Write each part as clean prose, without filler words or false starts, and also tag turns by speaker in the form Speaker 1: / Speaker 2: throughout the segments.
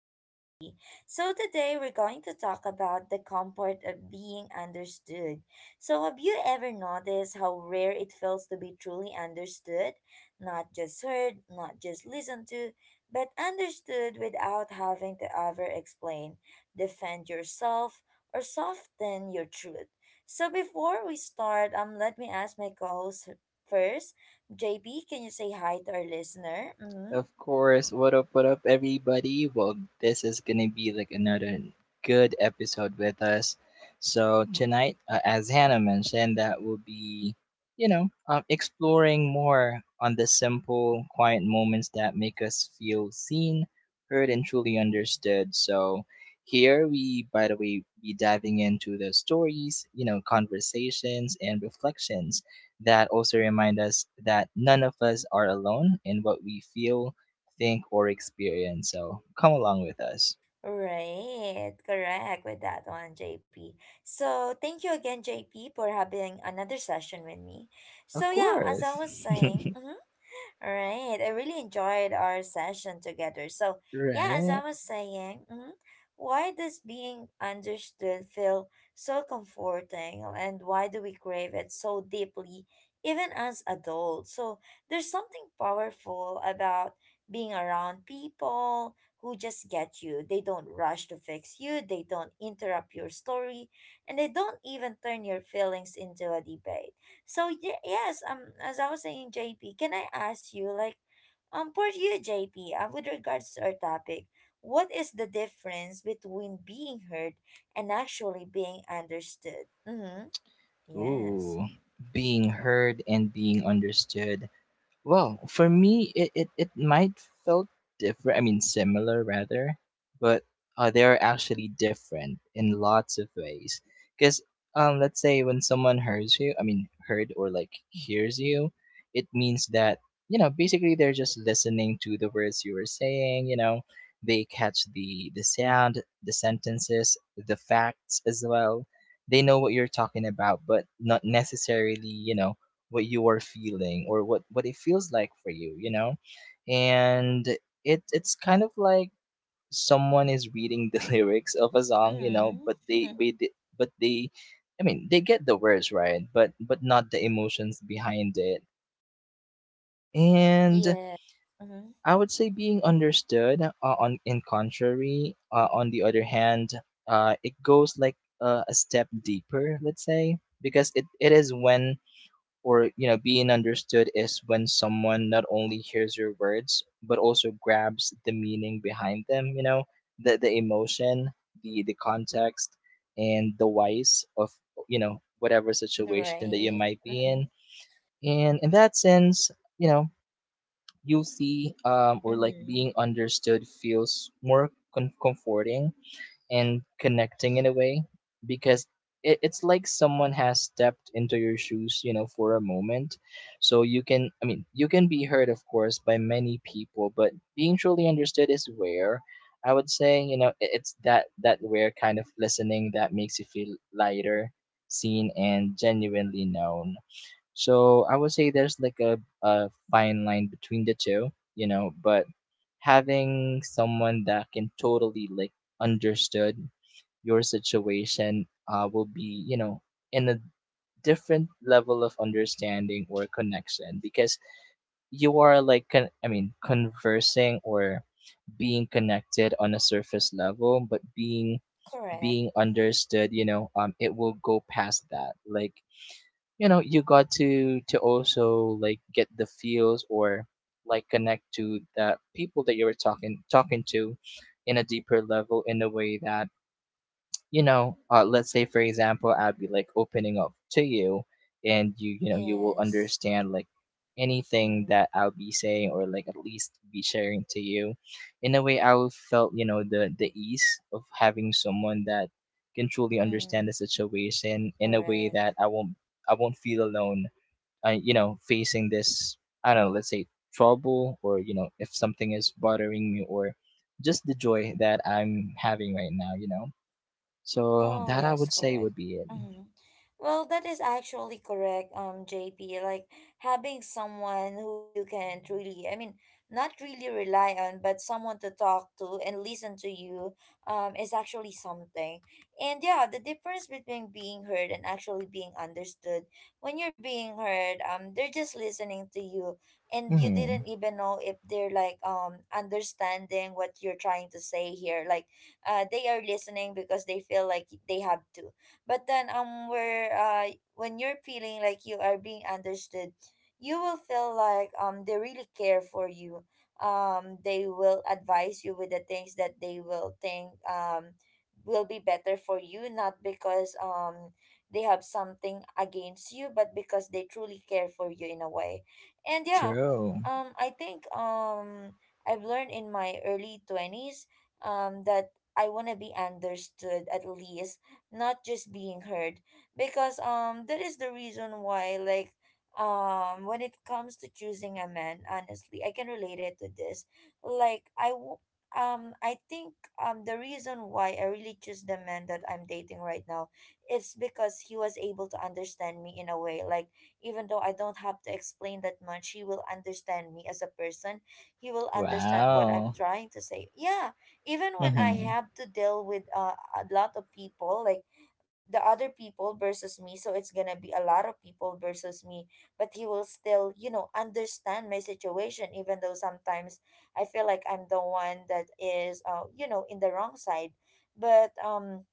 Speaker 1: with JP. So today we're going to talk about the comfort of being understood. So have you ever noticed how rare it feels to be truly understood? Not just heard, not just listened to, but understood without having to ever explain, defend yourself, or soften your truth. So before we start, let me ask my co-host first. JP, can you say hi to our listener? Mm-hmm.
Speaker 2: Of course, what up, everybody? Well, this is gonna be like another good episode with us. So, tonight, as Hannah mentioned, that will be, exploring more on the simple, quiet moments that make us feel seen, heard, and truly understood. So, here we, by the way, be diving into the stories, conversations, and reflections that also remind us that none of us are alone in what we feel, think, or experience. So come along with us.
Speaker 1: Right, correct with that one, JP. So, thank you again, JP, for having another session with me. So,
Speaker 2: Of
Speaker 1: yeah, as I
Speaker 2: course.
Speaker 1: was saying. Mhm. All right. I really enjoyed our session together. So, yeah, as I
Speaker 2: Right?
Speaker 1: was saying, mhm, why does being understood feel so comforting, and why do we crave it so deeply, even as adults? So, there's something powerful about being around people who just get you. They don't rush to fix you, they don't interrupt your story, and they don't even turn your feelings into a debate. So yes, as I was saying, JP, can I ask you, for you, JP, with regards to our topic, what is the difference between being heard and actually being understood? Mm-hmm. Yes.
Speaker 2: Ooh. Being heard and being understood. Well, for me, it might felt different. I mean, similar rather, but they are actually different in lots of ways. Because let's say when someone hears you, I mean, heard or like hears you, it means that basically they're just listening to the words you were saying. They catch the sound, the sentences, the facts as well. They know what you're talking about, but not necessarily, what you are feeling, or what it feels like for you, you know and it's kind of like someone is reading the lyrics of a song, but
Speaker 1: Mm-hmm.
Speaker 2: they we di- but they I mean they get the words right, but not the emotions behind it. And
Speaker 1: Yes. Mm-hmm.
Speaker 2: I would say being understood, on in contrary, on the other hand, it goes like, a step deeper, let's say, because it is when, or, being understood is when someone not only hears your words but also grabs the meaning behind them, the emotion, the context, and the whys of, whatever situation that you
Speaker 1: Right.
Speaker 2: might be in.
Speaker 1: Mm-hmm.
Speaker 2: And in that sense, you know you'll see, or like,
Speaker 1: Mm-hmm.
Speaker 2: being understood feels more comforting and connecting in a way, because it's like someone has stepped into your shoes, for a moment. So you can I mean you can be heard, of course, by many people, but being truly understood is rare. I would say, it's that rare kind of listening that makes you feel lighter, seen, and genuinely known. So I would say there's like a fine line between the two, but having someone that can totally like understood your situation, will be, in a different level of understanding or connection, because you are like I mean conversing, or being connected on a surface level, but being
Speaker 1: Correct.
Speaker 2: being
Speaker 1: Mm-hmm.
Speaker 2: understood, it will go past that. Like, you got to also like get the feels, or like connect to the people that you were talking to in a deeper level, in a way that, let's say for example, I'll be like opening up to you, and you will
Speaker 1: Yes.
Speaker 2: understand, like, anything
Speaker 1: Mm-hmm.
Speaker 2: that I'll be saying, or like at least be sharing to you. In a way, I will felt, the ease of having someone that can truly
Speaker 1: Mm-hmm.
Speaker 2: understand the situation in a way
Speaker 1: Correct.
Speaker 2: that I won't feel alone. Facing this, I don't know, let's say, trouble, or, if something is bothering me, or just the joy that I'm having right now. So
Speaker 1: Oh,
Speaker 2: that, I
Speaker 1: yes,
Speaker 2: would say,
Speaker 1: correct.
Speaker 2: would be it.
Speaker 1: Hmm. Well, that is actually correct, JP. Like having someone who you can truly, I mean, not really rely on, but someone to talk to and listen to you, is actually something. And yeah, the difference between being heard and actually being understood. When you're being heard, they're just listening to you, and you
Speaker 2: Mm-hmm.
Speaker 1: didn't even know if they're like understanding what you're trying to say here. Like they are listening because they feel like they have to. But then where when you're feeling like you are being understood, you will feel like they really care for you. They will advise you with the things that they will think will be better for you, not because they have something against you, but because they truly care for you in a way. And yeah,
Speaker 2: True.
Speaker 1: I think I've learned in my early 20s that I want to be understood at least, not just being heard. Because that is the reason why like when it comes to choosing a man, honestly, I can relate it to this. Like I w- I think the reason why I really choose the man that I'm dating right now, it's because he was able to understand me in a way. Like even though I don't have to explain that much, he will understand me as a person. He will understand what I'm
Speaker 2: Wow.
Speaker 1: trying to say. Yeah, even when I
Speaker 2: Mm-hmm.
Speaker 1: have to deal with a lot of people, like the other people versus me, so it's gonna be a lot of people versus me, but he will still, you know, understand my situation, even though sometimes I feel like I'm the one that is, you know, in the wrong side. But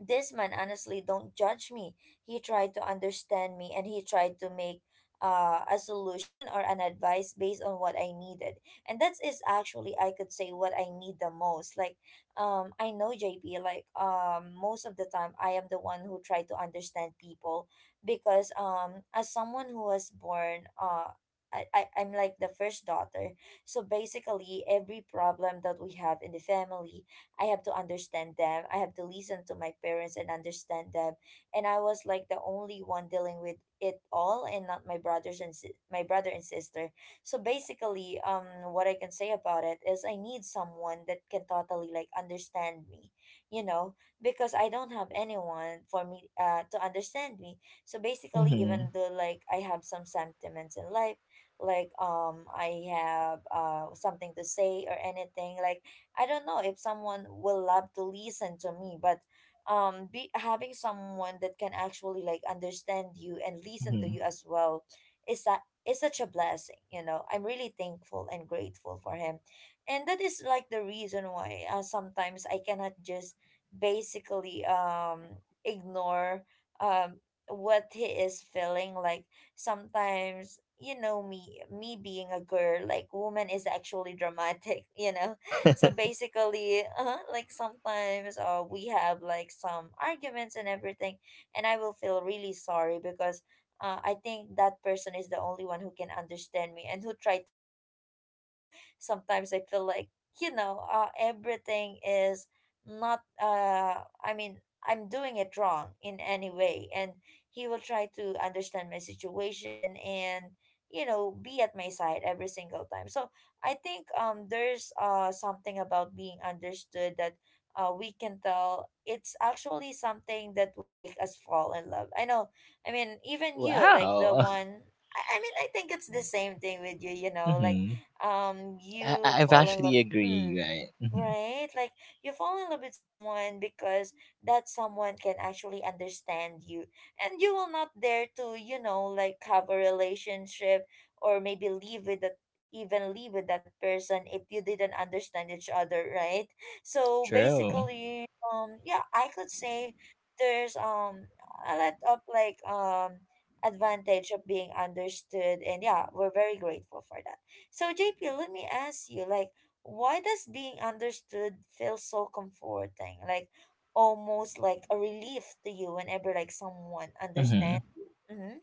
Speaker 1: this man honestly don't judge me. He tried to understand me, and he tried to make a solution or an advice based on what I needed, and that is actually, I could say, what I need the most. Like I know JP, like most of the time I am the one who try to understand people because as someone who was born uh, I'm like the first daughter. So basically, every problem that we have in the family, I have to understand them. I have to listen to my parents and understand them. And I was like the only one dealing with it all, and not my brothers and my brother and sister. So basically, um, what I can say about it is I need someone that can totally like understand me, you know, because I don't have anyone for me to understand me. So basically,
Speaker 2: Mm-hmm.
Speaker 1: even though like I have some sentiments in life, like I have something to say or anything, like I don't know if someone will love to listen to me, but be having someone that can actually like understand you and listen to
Speaker 2: Mm-hmm.
Speaker 1: you as well is that is such a blessing, you know. I'm really thankful and grateful for him. And that is like the reason why, sometimes I cannot just basically ignore um what he is feeling. Like sometimes, you know, me being a girl, like woman, is actually dramatic you know. So basically, like sometimes, we have like some arguments and everything, and I will feel really sorry because, I think that person is the only one who can understand me and who tried to stay. Even though sometimes I feel like, you know, everything is not, I mean, I'm doing it wrong in any way, and he will try to understand my situation, and, you know, be at my side every single time. So I think there's something about being understood that we can tell it's actually something that will make us fall in love. I know. I mean, even you like the
Speaker 2: Wow.
Speaker 1: one, I mean, I think it's the same thing with you, you know, like
Speaker 2: Mm-hmm. I-
Speaker 1: you
Speaker 2: I've
Speaker 1: fall in
Speaker 2: actually
Speaker 1: love.
Speaker 2: agree,
Speaker 1: Mm.
Speaker 2: right? Mm-hmm.
Speaker 1: Right? Like you fall in love with someone because that someone can actually understand you. And you will not dare to, you know, like have a relationship or maybe leave with that, even leave with that person if you didn't understand each other, right? So
Speaker 2: True.
Speaker 1: basically, yeah, I could say there's a lot of like advantage of being understood, and yeah, we're very grateful for that. So JP, let me ask you like why does being understood feel so comforting, like almost like a relief to you whenever like someone
Speaker 2: Mm-hmm.
Speaker 1: understands you? Mm-hmm.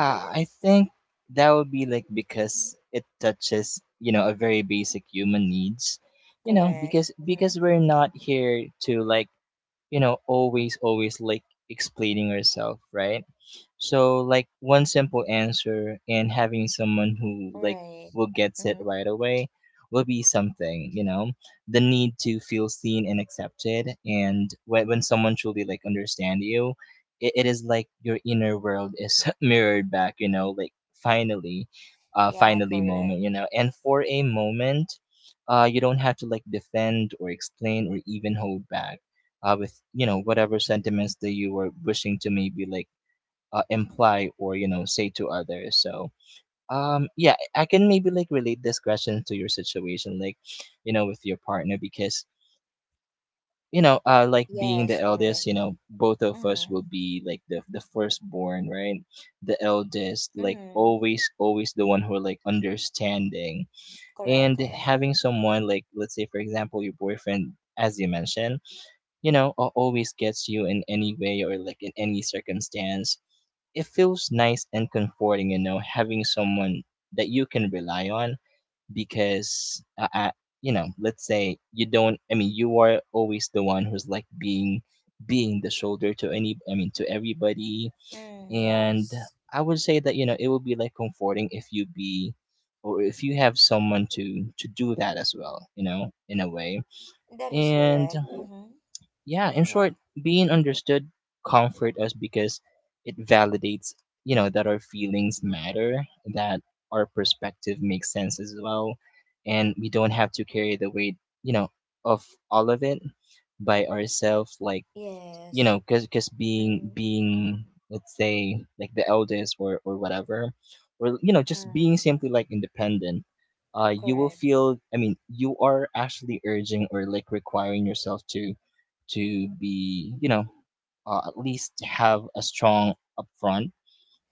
Speaker 1: Yeah,
Speaker 2: I think that would be like, because it touches, a very basic human needs. You know,
Speaker 1: correct.
Speaker 2: because
Speaker 1: Mm-hmm.
Speaker 2: because we're not here to like, always like, explaining herself, right? So like, one simple answer, and having someone who like
Speaker 1: Right.
Speaker 2: will get it
Speaker 1: Mm-hmm.
Speaker 2: right away will be something, the need to feel seen and accepted. And when someone truly like understand you, it is like your inner world is mirrored back, like finally,
Speaker 1: Yeah,
Speaker 2: finally
Speaker 1: correct.
Speaker 2: moment, and for a moment. You don't have to like defend, or explain, or even hold back, with, whatever sentiments that you were wishing to, maybe like, imply, or say to others. So yeah, I can maybe like relate this question to your situation, like, with your partner, because, like being
Speaker 1: Yes,
Speaker 2: the
Speaker 1: correct.
Speaker 2: eldest, both of us
Speaker 1: Mm-hmm.
Speaker 2: will be like the firstborn, right? The eldest, like,
Speaker 1: Mm-hmm.
Speaker 2: always the one who like understanding.
Speaker 1: Correct,
Speaker 2: And
Speaker 1: correct.
Speaker 2: having someone, like, let's say for example your boyfriend, as you mentioned, always gets you in any way, or like in any circumstance. It feels nice and comforting, having someone that you can rely on, because, let's say, you don't, I mean, you are always the one who's like being the shoulder to any, I mean, to everybody.
Speaker 1: Mm,
Speaker 2: And
Speaker 1: yes.
Speaker 2: I would say that, it would be like comforting if you be, or if you have someone to do that as well, in a way.
Speaker 1: That is
Speaker 2: And
Speaker 1: correct. Mm-hmm.
Speaker 2: yeah, in
Speaker 1: Yeah.
Speaker 2: short, being understood comfort us because it validates, that our feelings matter, that our perspective makes sense as well, and we don't have to carry the weight, you know of all of it, by ourselves. Like,
Speaker 1: Yes.
Speaker 2: because cause being
Speaker 1: Mm-hmm.
Speaker 2: being let's say, like the eldest or whatever, or, just being
Speaker 1: Mm.
Speaker 2: simply like independent. You will
Speaker 1: Correct.
Speaker 2: feel, I mean, you are actually urging or like requiring yourself to be, at least have a strong upfront,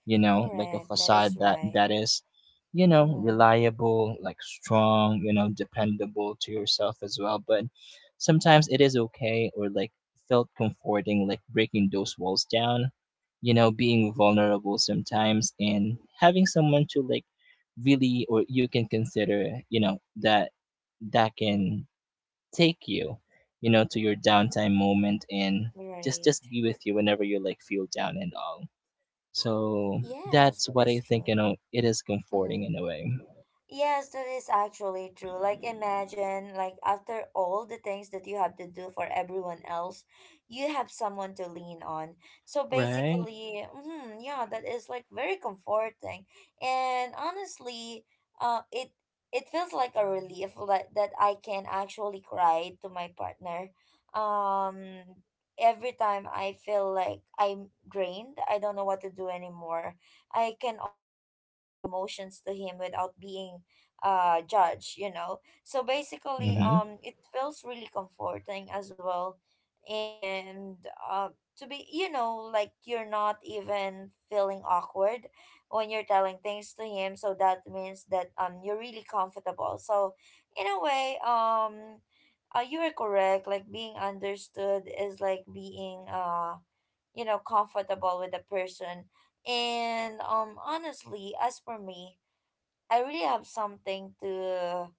Speaker 2: like a
Speaker 1: Correct. That is
Speaker 2: facade that
Speaker 1: right.
Speaker 2: that is,
Speaker 1: Mm-hmm.
Speaker 2: reliable, like strong, dependable to yourself as well. But sometimes it is okay, or like felt comforting, like breaking those walls down, being vulnerable sometimes, and having someone to like really, or you can consider, that can take you, to your
Speaker 1: Mm.
Speaker 2: downtime moment, and just
Speaker 1: Right.
Speaker 2: just be with you whenever you like feel down and all. So
Speaker 1: Yes,
Speaker 2: that's
Speaker 1: that
Speaker 2: what I
Speaker 1: is
Speaker 2: think,
Speaker 1: true.
Speaker 2: it is comforting
Speaker 1: Mhm.
Speaker 2: in a way.
Speaker 1: Yes, that is actually true. Like imagine, like after all the things that you have to do for everyone else, you have someone to lean on. So
Speaker 2: Right?
Speaker 1: basically, mm, yeah, that is like very comforting. And honestly, uh, it feels like a relief that that I can actually cry to my partner. Um every time I feel like I'm drained, I don't know what to do anymore. I can always like show my emotions to him without being judge, you know. So basically,
Speaker 2: Mm-hmm.
Speaker 1: um, it feels really comforting as well, and uh to be, you know, like you're not even feeling awkward when you're telling things to him. So that means that you're really comfortable. So in a way, um, you are correct. Like being understood is like being, uh, you know, comfortable with a person. And honestly, as for me, I really have something to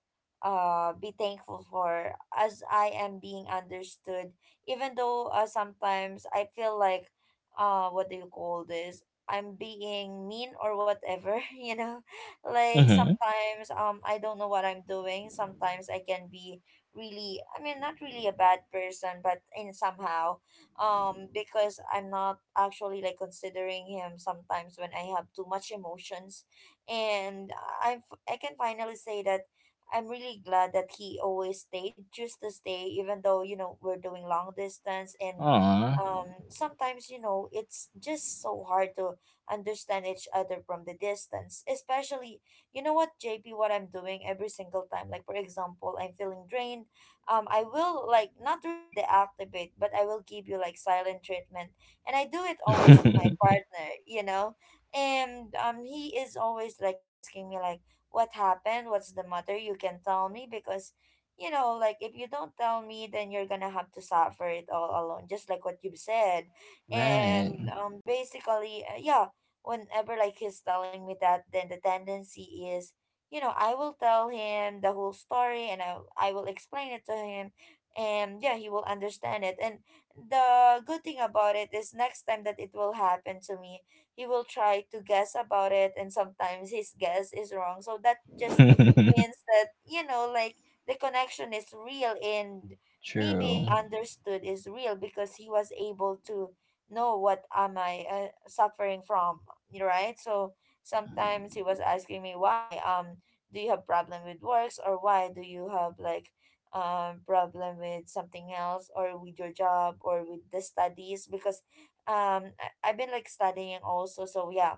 Speaker 1: be thankful for, as I am being understood, even though, sometimes I feel like, uh, what do you call this, I'm being mean or whatever you know. Like
Speaker 2: Mm-hmm.
Speaker 1: sometimes, um, I don't know what I'm doing. Sometimes I can be really, I mean, not really a bad person, but in somehow, um, because I'm not actually like considering him sometimes when I have too much emotions. And I can finally say that I'm really glad that he always stayed just to stay, even though, you know, we're doing long distance, and
Speaker 2: Aw.
Speaker 1: sometimes, you know, it's just so hard to understand each other from the distance. Especially, you know what JP, what I'm doing every single time, like for example, I'm feeling drained, I will like not really deactivate, but I will give you like silent treatment. And I do it always to my partner, you know. And he is always like asking me like, what happened, what's the matter, you can tell me because, you know, like if you don't tell me, then you're gonna have to suffer it all alone, just like what you said.
Speaker 2: Right.
Speaker 1: And basically, yeah, whenever like he's telling me that, then the tendency is, you know, I will tell him the whole story, and I will explain it to him. And yeah, he will understand it. And the good thing about it is next time that it will happen to me, he will try to guess about it, and sometimes his guess is wrong. So that just means that, you know, like the connection is real, and me being
Speaker 2: True.
Speaker 1: understood is real, because he was able to know what am I, suffering from, right? So sometimes he was asking me, why do you have problem with works, or why do you have like problem with something else or with your job or with the studies because um I've been like studying also, so yeah.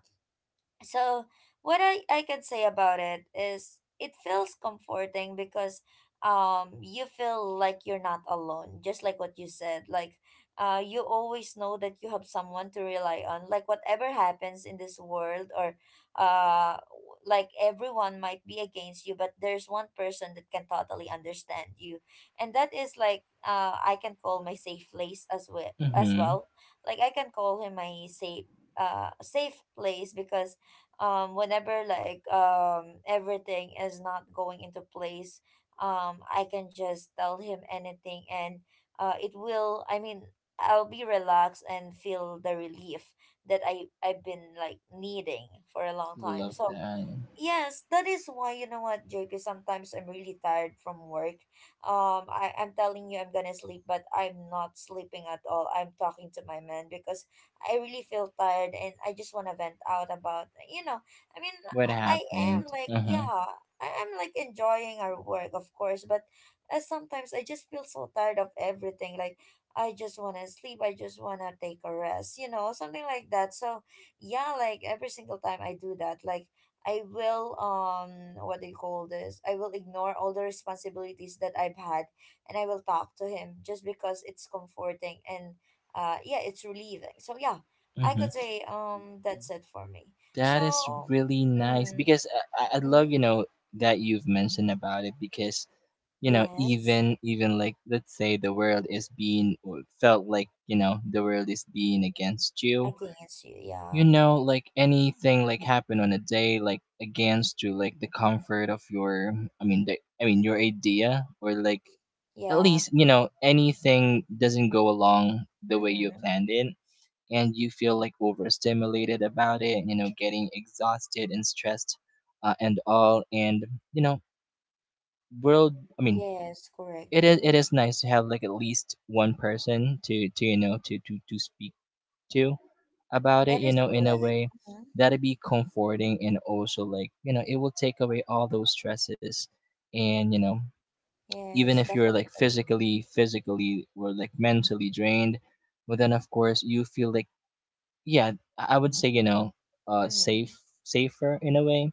Speaker 1: So what I could say about it is it feels comforting because you feel like you're not alone, just like what you said. Like you always know that you have someone to rely on. Like whatever happens in this world, or like everyone might be against you, but there's one person that can totally understand you. And that is like I can call my safe place as well as
Speaker 2: Mm-hmm.
Speaker 1: well. Like I can call him my safe place because whenever like everything is not going into place, I can just tell him anything, and it will I mean I'll be relaxed and feel the relief that I've been like needing for a long time,
Speaker 2: Love
Speaker 1: so.
Speaker 2: that.
Speaker 1: Yes, that is why, you know what, JP, sometimes I'm really tired from work. I'm telling you, I'm gonna sleep, but I'm not sleeping at all. I'm talking to my man because I really feel tired and I just wanna vent out about, I mean,
Speaker 2: What
Speaker 1: I
Speaker 2: happened?
Speaker 1: am like,
Speaker 2: Uh
Speaker 1: yeah,
Speaker 2: huh.
Speaker 1: I am like enjoying our work, of course, but sometimes I just feel so tired of everything. Like I just wanna sleep, I just wanna take a rest, you know, something like that. So yeah, like every single time I do that, like I will what do you call this? I will ignore all the responsibilities that I've had, and I will talk to him just because it's comforting. And yeah, it's relieving. So yeah, I
Speaker 2: Mm-hmm.
Speaker 1: could say that's it for me.
Speaker 2: That is
Speaker 1: So.
Speaker 2: really nice
Speaker 1: Mm.
Speaker 2: because I
Speaker 1: Mm-hmm.
Speaker 2: love, that you've mentioned about it, because,
Speaker 1: Yes,
Speaker 2: even like, let's say, the world is being, or felt like, the world is being against you,
Speaker 1: against you. Yeah.
Speaker 2: you know like anything like happen on a day, like against to, like the comfort of your, I mean, the, I mean, your idea, or like at
Speaker 1: Yeah.
Speaker 2: least, anything doesn't go along the way you
Speaker 1: Mm-hmm.
Speaker 2: planned it, and you feel like overstimulated about it, getting exhausted and stressed, and all. And, you know world I mean
Speaker 1: Yes, correct.
Speaker 2: it is it
Speaker 1: Mm-hmm.
Speaker 2: is nice to have like at least one person to speak to about it,
Speaker 1: That is
Speaker 2: in a
Speaker 1: correct.
Speaker 2: way
Speaker 1: Mm-hmm.
Speaker 2: that'd be comforting, and also like, it will take away all those stresses, and, even if
Speaker 1: Yes,
Speaker 2: you're like
Speaker 1: definitely.
Speaker 2: physically or like mentally drained. Well then, of course, you feel like, yeah, I would say, uh safe
Speaker 1: Mm-hmm.
Speaker 2: safer in a way.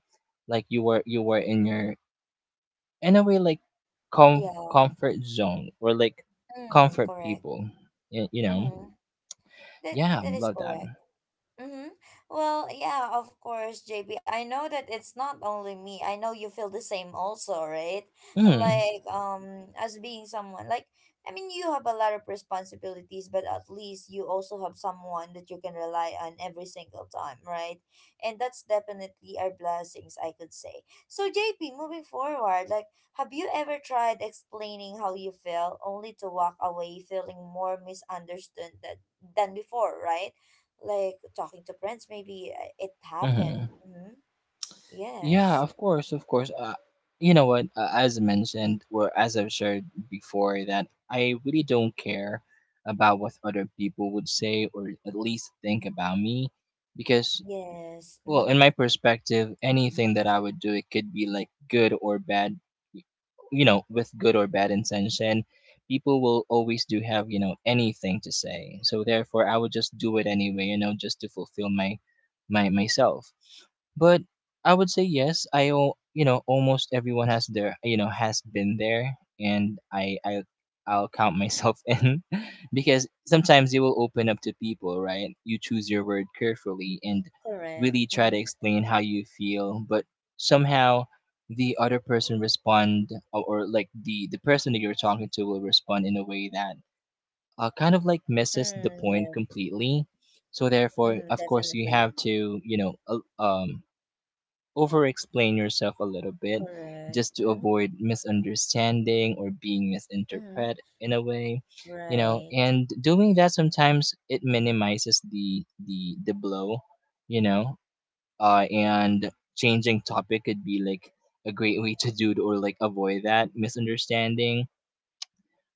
Speaker 2: Like you were in your, in a way, like com-
Speaker 1: Yeah.
Speaker 2: comfort zone, or like
Speaker 1: Mm,
Speaker 2: comfort
Speaker 1: correct.
Speaker 2: people. You know.
Speaker 1: Mm, that
Speaker 2: Yeah,
Speaker 1: that is
Speaker 2: love that.
Speaker 1: correct. Mm-hmm. Well, yeah, of course, JB. Know that it's not only me. I know you feel the same also, right?
Speaker 2: Mm.
Speaker 1: Like, as being someone, like, I mean, you have a lot of responsibilities, but at least you also have someone that you can rely on every single time, right? And that's definitely our blessings, I could say. So, JP, moving forward, like, have you ever tried explaining how you feel only to walk away feeling more misunderstood than before, right? Like talking to friends, maybe. It happened.
Speaker 2: Hmm.
Speaker 1: Mm-hmm.
Speaker 2: Yeah,
Speaker 1: Yes.
Speaker 2: of course, of course. You know what? As mentioned, or as I've shared before, that I really don't care about what other people would say, or at least think about me, because,
Speaker 1: Yes.
Speaker 2: well,
Speaker 1: Mm-hmm.
Speaker 2: in my perspective, anything that I would do, it could be like good or bad, y- with good or bad intention. People will always do have, anything to say. So therefore, I would just do it anyway, just to fulfill my, my myself. But I would say yes. I, al- you know, almost everyone has been there, and I'll count myself in, because sometimes you will open up to people, right? You choose your word carefully, and
Speaker 1: Correct.
Speaker 2: really try to
Speaker 1: Mm-hmm.
Speaker 2: explain how you feel, but somehow the other person respond, or like the person that you're talking to will respond in a way that, kind of like misses the
Speaker 1: Mm,
Speaker 2: point
Speaker 1: yeah.
Speaker 2: completely. So
Speaker 1: Mm,
Speaker 2: therefore, of course, you
Speaker 1: definitely.
Speaker 2: have to over explain yourself a little bit
Speaker 1: Correct.
Speaker 2: just to
Speaker 1: Mm-hmm.
Speaker 2: avoid misunderstanding or being
Speaker 1: Mm-hmm.
Speaker 2: misinterpreted in a way, you know
Speaker 1: Right.
Speaker 2: and doing that sometimes it minimizes the blow, you know and changing topic could be like a great way to do it or like avoid that misunderstanding.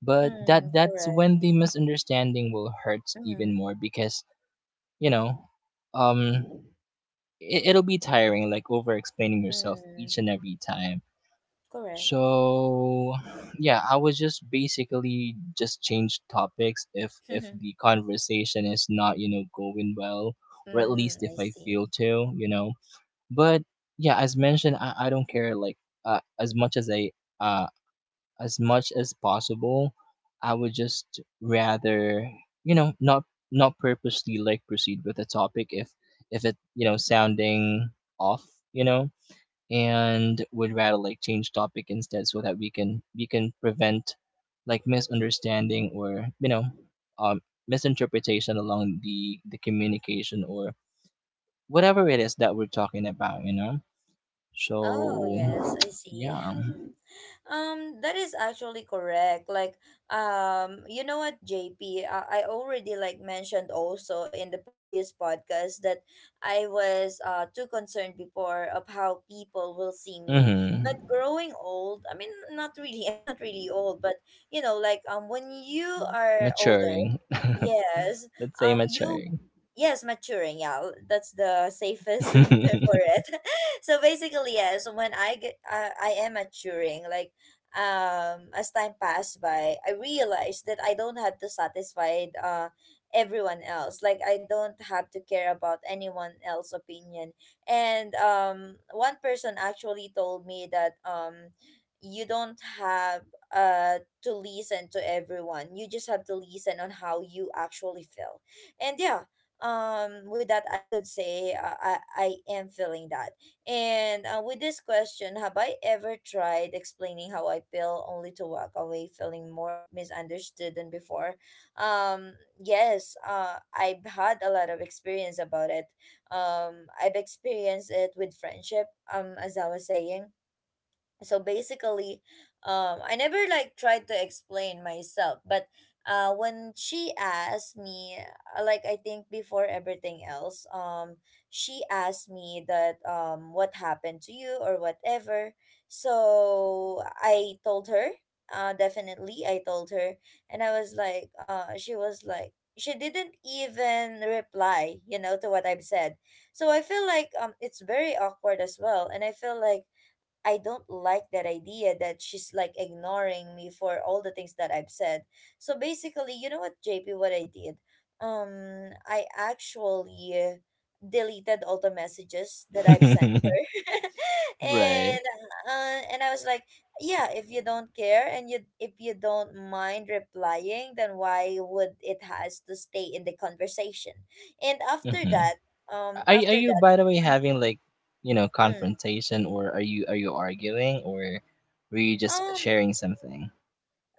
Speaker 2: But that
Speaker 1: Mm,
Speaker 2: that's
Speaker 1: correct.
Speaker 2: when the misunderstanding will hurt
Speaker 1: Mm-hmm.
Speaker 2: even more, because you know um it'll be tiring like over explaining yourself each
Speaker 1: Mm,
Speaker 2: and every time.
Speaker 1: correct.
Speaker 2: So yeah, I would just basically just change topics if the conversation is not going well, or at
Speaker 1: Mm,
Speaker 2: least if
Speaker 1: I
Speaker 2: I
Speaker 1: see.
Speaker 2: feel to but yeah, as mentioned, I don't care like uh, as much as I uh as much as possible. I would just rather you know not not purposely like proceed with a topic if it sounding off you know and would rather like change topic instead so that we can prevent like misunderstanding or um misinterpretation along the communication or whatever it is that we're talking about
Speaker 1: Oh yes,
Speaker 2: so,
Speaker 1: I see.
Speaker 2: yeah.
Speaker 1: That is actually correct. Like, you know what, JP, I already like mentioned also in the previous podcast that I was too concerned before of how people will see me.
Speaker 2: Mhm.
Speaker 1: But growing old, I mean, not really. I'm not really old, but you know, like when you are older,
Speaker 2: Maturing.
Speaker 1: yes,
Speaker 2: Let's say
Speaker 1: you
Speaker 2: maturing.
Speaker 1: yes, maturing. Yeah, that's the safest term for it. So basically, yes, I am maturing. Like, as time passed by, I realized that I don't have to satisfy everyone else. Like, I don't have to care about anyone else's opinion. And one person actually told me that you don't have uh to listen to everyone. You just have to listen on how you actually feel. And yeah, with that I could say, I am feeling that. And with this question, have I ever tried explaining how I feel only to walk away feeling more misunderstood than before? um yes. I've had a lot of experience about it. I've experienced it with friendship. As I was saying, so basically, I never like tried to explain myself, but when she asked me, like, I think before everything else, she asked me that, what happened to you or whatever. So I told her, definitely I told her. And I was like, she was like, she didn't even reply, to what I've said. So I feel like, it's very awkward as well. And I feel like I don't like that idea that she's like ignoring me for all the things that I've said. So basically, you know what, JP, what I did? I actually deleted all the messages that I've sent her.
Speaker 2: Right.
Speaker 1: And I was like, yeah, if you don't care and you if you don't mind replying, then why would it has to stay in the conversation? And after
Speaker 2: Mhm.
Speaker 1: that, um
Speaker 2: Are
Speaker 1: after
Speaker 2: you,
Speaker 1: that,
Speaker 2: by the way,
Speaker 1: mm,
Speaker 2: having like,
Speaker 1: mm,
Speaker 2: confrontation, or are you arguing, or were you just
Speaker 1: um
Speaker 2: sharing something?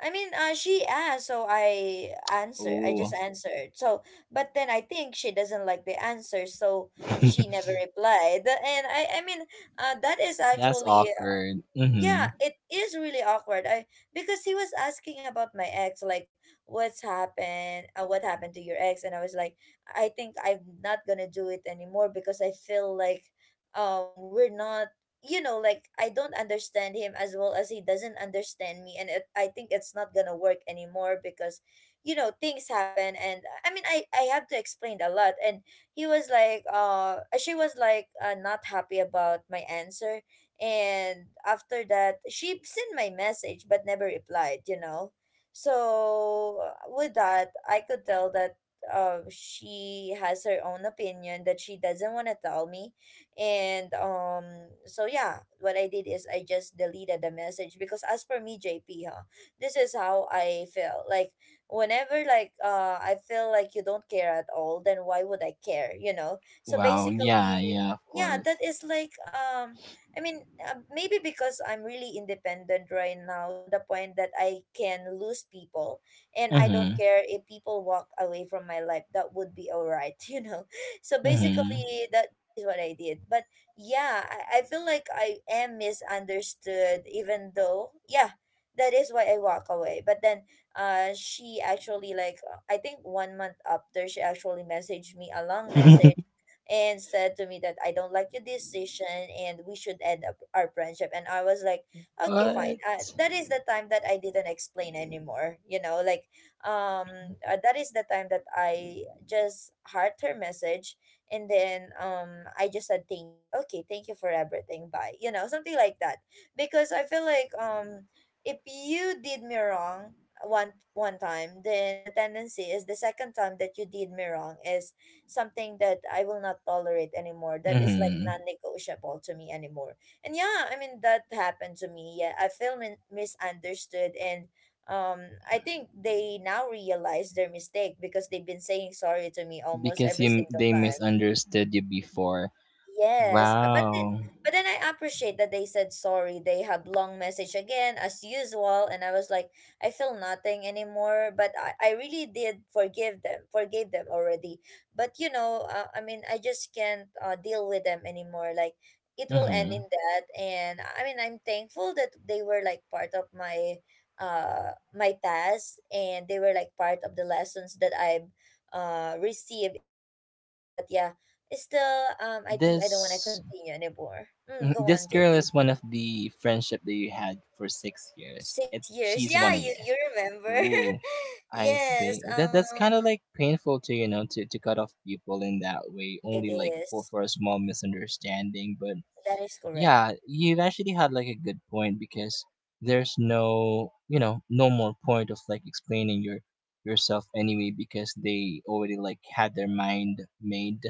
Speaker 1: I mean, she asked, so I answered. I just
Speaker 2: Oh.
Speaker 1: answered. So, but then I think she doesn't like the answer, so she never replied. And I mean, that is
Speaker 2: That's
Speaker 1: actually
Speaker 2: awkward.
Speaker 1: yeah,
Speaker 2: Mhm.
Speaker 1: it is really awkward. I Because he was asking about my ex, like, what happened to your ex. And I was like, I think I'm not gonna do it anymore because I feel like we're not, like, I don't understand him, as well as he doesn't understand me. And I think it's not gonna work anymore because you know things happen. And I mean, I have to explain a lot. And he was like she was like, not happy about my answer. And after that, she sent my message but never replied. So with that, I could tell that she has her own opinion that she doesn't want to tell me. And so yeah, what I did is I just deleted the message, because as for me, JP, huh, this is how I feel. Like whenever like I feel like you don't care at all, then why would I care? So
Speaker 2: Wow. Yeah,
Speaker 1: basically,
Speaker 2: yeah, of
Speaker 1: yeah,
Speaker 2: course.
Speaker 1: that is like I mean, maybe because I'm really independent right now to the point that I can lose people, and I don't
Speaker 2: Mhm.
Speaker 1: care if people walk away from my life. That would be all right, you know. So
Speaker 2: Mhm.
Speaker 1: basically, that is what I did. But yeah, I feel like I am misunderstood, even though, yeah, that is why I walk away. But then she actually, like, I think 1 month after, she actually messaged me a long message and said to me that I don't like your decision and we should end up our friendship. And I was like, okay, fine.
Speaker 2: What?
Speaker 1: That is the time that I didn't explain anymore. You know, like um, that is the time that I just heard her message. And then I just said thank you. Okay, thank you for everything. Bye. You know, something like that. Because I feel like if you did me wrong one time, then the tendency is the second time that you did me wrong is something that I will not tolerate anymore. That is like
Speaker 2: Mhm.
Speaker 1: non-negotiable to me anymore. And yeah, I mean, that happened to me. Yeah, I feel misunderstood. And um I think they now realize their mistake because they've been saying sorry to me almost
Speaker 2: Because
Speaker 1: every
Speaker 2: you
Speaker 1: single
Speaker 2: they
Speaker 1: time.
Speaker 2: misunderstood you before.
Speaker 1: Yes,
Speaker 2: Wow.
Speaker 1: but then I appreciate that they said sorry. They have long message again as usual, and I was like, I feel nothing anymore. But I really did forgive them, forgave them already. But you know, I mean, I just can't deal with them anymore. Like it will end in
Speaker 2: Hmm.
Speaker 1: that, and I mean, I'm thankful that they were like part of my past, and they were like part of the lessons that I've received in this lifetime. But yeah. Still, I think I don't want to
Speaker 2: This
Speaker 1: continue anymore. Mm,
Speaker 2: mhm,
Speaker 1: go on,
Speaker 2: this girl
Speaker 1: JP.
Speaker 2: is one of the friendship that you had for 6 years. It
Speaker 1: 6 years.
Speaker 2: She's
Speaker 1: Yeah,
Speaker 2: one a year.
Speaker 1: you remember.
Speaker 2: Ooh, I
Speaker 1: Yes,
Speaker 2: see. That that's kind of like painful, to you know, to cut off people in that way,
Speaker 1: it
Speaker 2: only like for
Speaker 1: is.
Speaker 2: for a small misunderstanding. But
Speaker 1: That is correct.
Speaker 2: yeah, you've actually had like a good point, because there's no more point of like explaining yourself anyway, because they already like had their mind made,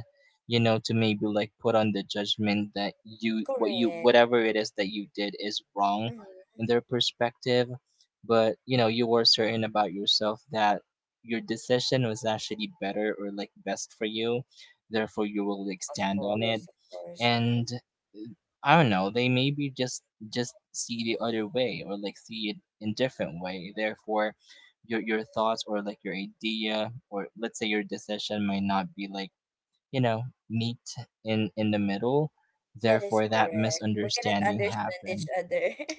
Speaker 2: to maybe like put on the judgment that you what you
Speaker 1: Correct.
Speaker 2: whatever it is that you did is wrong
Speaker 1: Mm-hmm.
Speaker 2: in their perspective, but you were certain about yourself that your decision was actually better or like best for you, therefore you will like
Speaker 1: Of
Speaker 2: stand on it.
Speaker 1: course, of course. Mm-hmm.
Speaker 2: And I don't know, they maybe just see the other way or like see it in different way. Therefore, your thoughts or like your idea or let's say your decision might not be like, you know, meet in the middle.
Speaker 1: That is
Speaker 2: Therefore, that
Speaker 1: correct. We cannot
Speaker 2: misunderstanding
Speaker 1: understand each
Speaker 2: happened.
Speaker 1: other.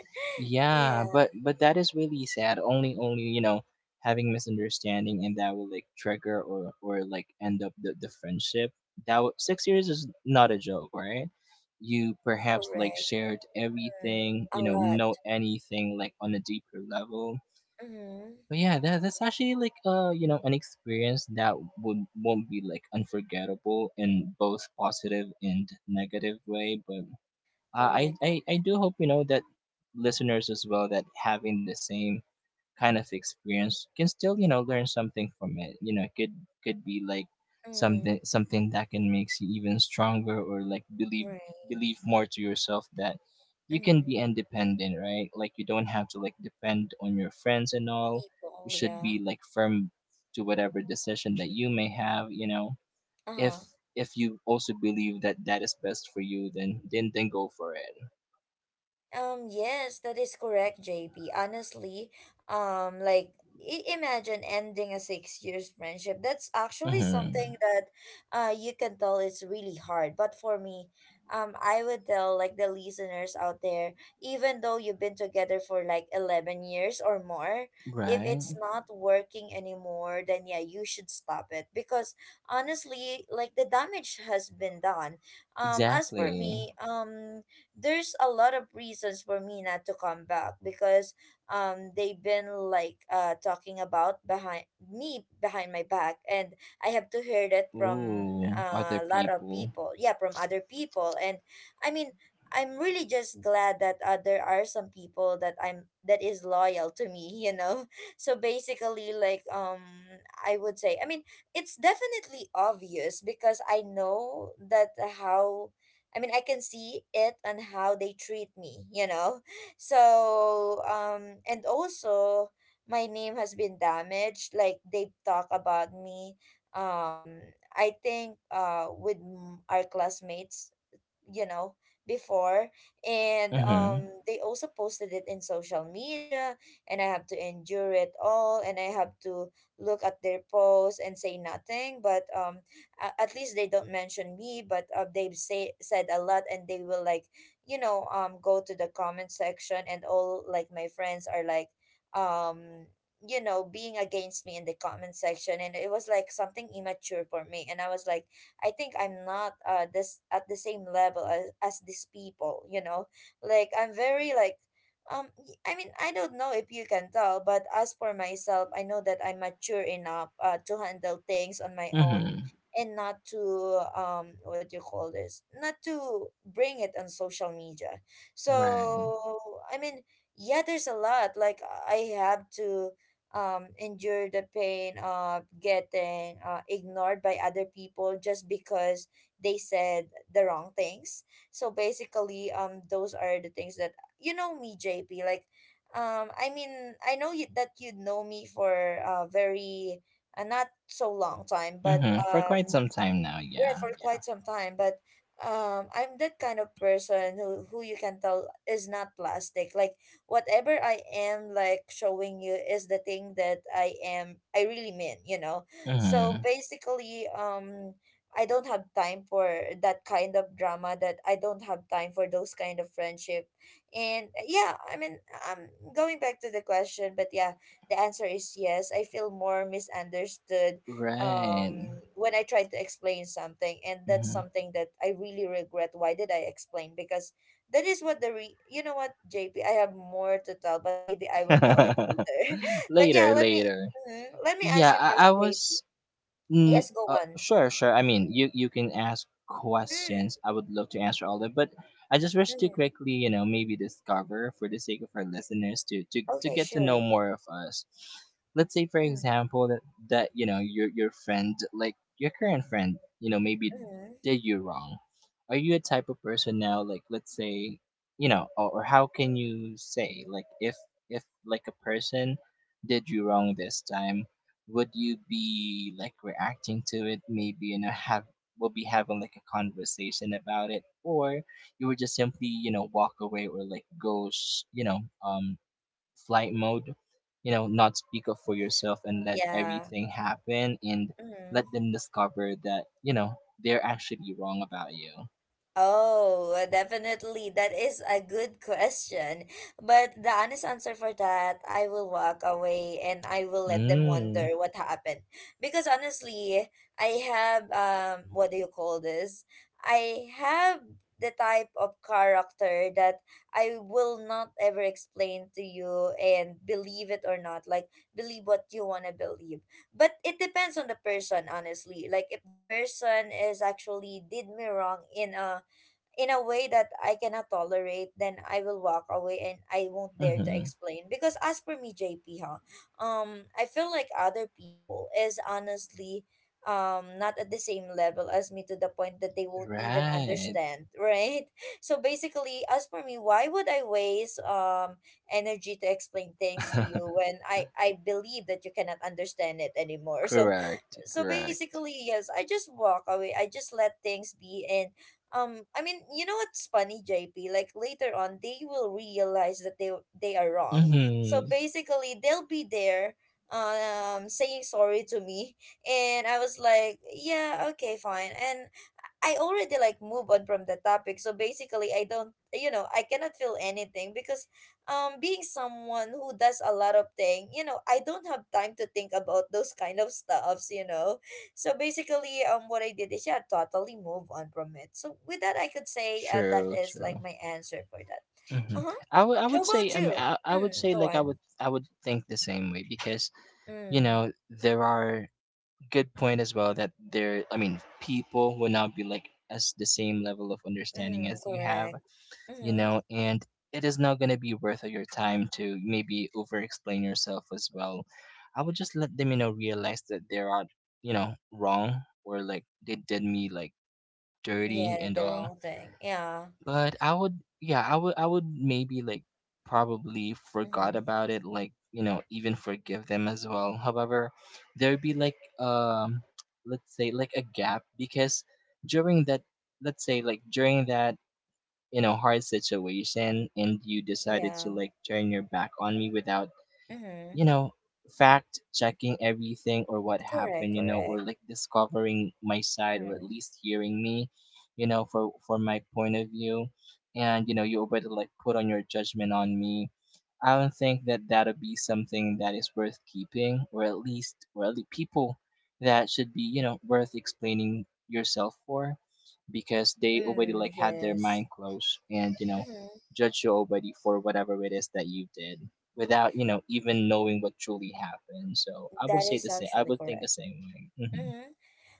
Speaker 2: Yeah,
Speaker 1: Yeah,
Speaker 2: but that is really sad. Only having misunderstanding and that will like trigger or like end up the friendship. That 6 years is not a joke, right? You
Speaker 1: that is
Speaker 2: perhaps like
Speaker 1: correct.
Speaker 2: shared
Speaker 1: Mm.
Speaker 2: everything,
Speaker 1: A lot.
Speaker 2: know anything like on a deeper level.
Speaker 1: Mm-hmm.
Speaker 2: But yeah, that's actually like an experience that would won't be like unforgettable in both positive and negative way. But uh, I,
Speaker 1: Correct.
Speaker 2: I I do hope that listeners as well, that having the same kind of experience can still learn something from it. It could be like something
Speaker 1: Mm.
Speaker 2: something that can make you even stronger or like believe
Speaker 1: Right.
Speaker 2: believe more to yourself, that you can
Speaker 1: Mm.
Speaker 2: be independent, right? Like you don't have to like depend on your friends and all. You
Speaker 1: People,
Speaker 2: should be
Speaker 1: yeah.
Speaker 2: like firm to whatever decision that you may have. If
Speaker 1: Uh-huh.
Speaker 2: if you also believe that that is best for you, then go for it.
Speaker 1: Yes, that is correct, JP. Honestly, like imagine ending a 6 years friendship. That's actually
Speaker 2: Mm-hmm.
Speaker 1: something that you can tell it's really hard. But for me, I would tell like the listeners out there, even though you've been together for like 11 years or more, if
Speaker 2: Right?
Speaker 1: it's not working anymore, then yeah, you should stop it because honestly, like the damage has been done. As for
Speaker 2: Exactly.
Speaker 1: me, there's a lot of reasons for me not to come back because they've been like talking about behind my back. And I have to hear that from
Speaker 2: Ooh, other
Speaker 1: a lot of
Speaker 2: people.
Speaker 1: people. Yeah, from other people. And I mean, I'm really just glad that there are some people that I'm that is loyal to me, you know. So basically, I would say, I mean, it's definitely obvious because I know that I can see it on how they treat me, you know? So, and also, my name has been damaged. Like, they talk about me. Um, I think with our classmates, you know before, and
Speaker 2: Mm-hmm.
Speaker 1: they also posted it in social media, and I have to endure it all, and I have to look at their posts and say nothing, but at least they don't mention me. But they've say said a lot, and they will like, go to the comment section, and all like my friends are like, um being against me in the comment section. And it was like something immature for me, and I was like, I think I'm not this at the same level as these people, you know. Like I'm very like, I mean, I don't know if you can tell, but as for myself, I know that I'm mature enough to handle things on my own,
Speaker 2: Mm-hmm.
Speaker 1: and not to, what do you call this? Not to bring it on social media.
Speaker 2: Right.
Speaker 1: So, I mean yeah, there's a lot. Like I have to, endure the pain of getting ignored by other people just because they said the wrong things. So basically, those are the things that, you know me, JP. Like, I know you, that you know me for a very not so long time, but
Speaker 2: Mm-hmm. For quite some time now,
Speaker 1: right,
Speaker 2: yeah.
Speaker 1: for quite some time. But I'm that kind of person who you can tell is not plastic. Like whatever I am like showing you is the thing that I really mean, you know.
Speaker 2: Yeah.
Speaker 1: So
Speaker 2: Mm-hmm.
Speaker 1: basically, I don't have time for that kind of drama that I don't have time for those kind of friendship. And yeah, um going back to the question, but yeah, the answer is yes. I feel more misunderstood
Speaker 2: Right.
Speaker 1: when I tried to explain something, and that's something that I really regret. Why did I explain? Because that is what the you know what, JP, I have more to tell, but maybe I will tell it
Speaker 2: Mm-hmm.
Speaker 1: later. But yeah,
Speaker 2: Later,
Speaker 1: let me,
Speaker 2: later.
Speaker 1: mhm, let me ask
Speaker 2: Yeah,
Speaker 1: you
Speaker 2: I,
Speaker 1: first,
Speaker 2: I
Speaker 1: JP.
Speaker 2: was.
Speaker 1: Yes, go on.
Speaker 2: Sure, sure. I mean, you can ask
Speaker 1: Mm,
Speaker 2: questions. I would love to answer all of them, but I just wish to
Speaker 1: mm,
Speaker 2: quickly, maybe discover for the sake of our listeners to to
Speaker 1: okay,
Speaker 2: get to know
Speaker 1: sure.
Speaker 2: more of us. Let's say, for
Speaker 1: Mm,
Speaker 2: example, that your friend, like your current friend, maybe
Speaker 1: mm.
Speaker 2: did you wrong. Are you a type of person now, like let's say, or, how can you say, like if like a person did you wrong this time, would you be like reacting to it maybe and have will be having like a conversation about it, or you would just simply walk away or like go um flight mode, not speak up for yourself and let
Speaker 1: Yeah.
Speaker 2: everything happen, and let
Speaker 1: Mm.
Speaker 2: them discover that they're actually wrong about you.
Speaker 1: Oh, definitely. That is a good question. But the honest answer for that, I will walk away and I will let them
Speaker 2: Mm,
Speaker 1: wonder what happened. Because honestly, I have, what do you call this? I have the type of character that I will not ever explain to you, and believe it or not. Like believe what you want to believe. But it depends on the person, honestly. Like if the person is actually did me wrong in a way that I cannot tolerate, then I will walk away and I won't dare to
Speaker 2: mm-hmm.
Speaker 1: explain. Because as for me, JP, huh, I feel like other people is honestly not at the same level as me, to the point that they won't even
Speaker 2: Right.
Speaker 1: understand, right? So basically, as for me, why would I waste energy to explain things to you when I believe that you cannot understand it anymore? So,
Speaker 2: Correct,
Speaker 1: so basically,
Speaker 2: correct.
Speaker 1: yes, I just walk away, I just let things be. And I mean, you know what's funny, JP, like later on they will realize that they are wrong. So
Speaker 2: Mm-hmm.
Speaker 1: basically, they'll be there saying sorry to me, and I was like, yeah, okay, fine. And I already like move on from the topic. So basically, I don't, you know, I cannot feel anything, because being someone who does a lot of thing, you know, I don't have time to think about those kind of stuffs, you know. So basically, what I did is, yeah, totally move on from it. So with that, I could say that
Speaker 2: True,
Speaker 1: is like
Speaker 2: true.
Speaker 1: my answer for that.
Speaker 2: Hmm.
Speaker 1: Uh huh.
Speaker 2: I would I
Speaker 1: How
Speaker 2: would
Speaker 1: about
Speaker 2: say, I mean,
Speaker 1: you?
Speaker 2: I would
Speaker 1: Mm,
Speaker 2: say
Speaker 1: go
Speaker 2: like I would
Speaker 1: on.
Speaker 2: I would think the same way, because
Speaker 1: Mm,
Speaker 2: there are good point as well that there I mean people will not be like as the same level of understanding
Speaker 1: mm,
Speaker 2: as you have
Speaker 1: correct. Mm-hmm.
Speaker 2: and it is not going to be worth of your time to maybe over explain yourself as well. I would just let them realize that they are wrong or like they did me like dirty
Speaker 1: Yeah,
Speaker 2: and
Speaker 1: the
Speaker 2: all.
Speaker 1: wrong thing. Yeah.
Speaker 2: But I would yeah, I would maybe like probably forgot
Speaker 1: Mm-hmm.
Speaker 2: about it, like, even forgive them as well. However, there'd be like let's say like a gap, because during that let's say like during that, hard situation, and you decided to
Speaker 1: Yeah.
Speaker 2: like turn your back on me without
Speaker 1: Mm-hmm.
Speaker 2: you know, fact checking everything or what
Speaker 1: Correct,
Speaker 2: happened, or
Speaker 1: correct.
Speaker 2: like discovering my side, or at
Speaker 1: Mm,
Speaker 2: least hearing me, for my point of view. And you already like put on your judgment on me. I don't think that that'll be something that is worth keeping, or at least, people that should be, worth explaining yourself for, because they already
Speaker 1: mm,
Speaker 2: like had their mind
Speaker 1: yes.
Speaker 2: closed and
Speaker 1: Mm-hmm.
Speaker 2: judge you already for whatever it is that you did without even knowing what truly happened. So I would
Speaker 1: That
Speaker 2: say the
Speaker 1: is
Speaker 2: same, I
Speaker 1: actually
Speaker 2: would think the
Speaker 1: correct.
Speaker 2: same way. Hmm.
Speaker 1: Mm-hmm.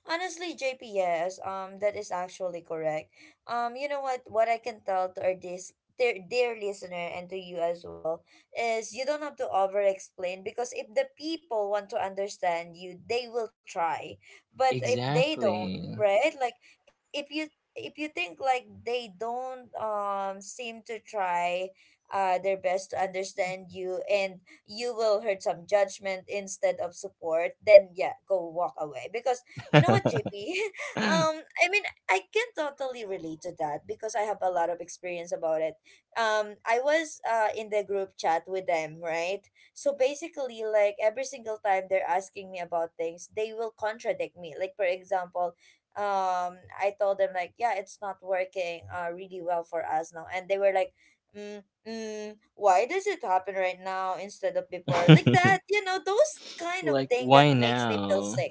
Speaker 1: Honestly, JP, yes, that is actually correct. You know what? What I can tell to our this dear, dear listener and to you as well is, you don't have to over explain, because if the people want to understand you, they will try. But if they don't,
Speaker 2: Exactly.
Speaker 1: right? Like if if you think like they don't seem to try their best to understand you, and you will hurt some judgment instead of support, then yeah, go walk away, because you know what, JP? Um, I mean, I can totally relate to that because I have a lot of experience about it. I was in the group chat with them, right? So basically, like every single time they're asking me about things, they will contradict me. Like for example, I told them like, yeah, it's not working really well for us now, and they were like, mm, mm, why does it happen right now instead of before? Like that, you know, those kind of
Speaker 2: Like
Speaker 1: thing that
Speaker 2: why
Speaker 1: makes me feel sick.
Speaker 2: now.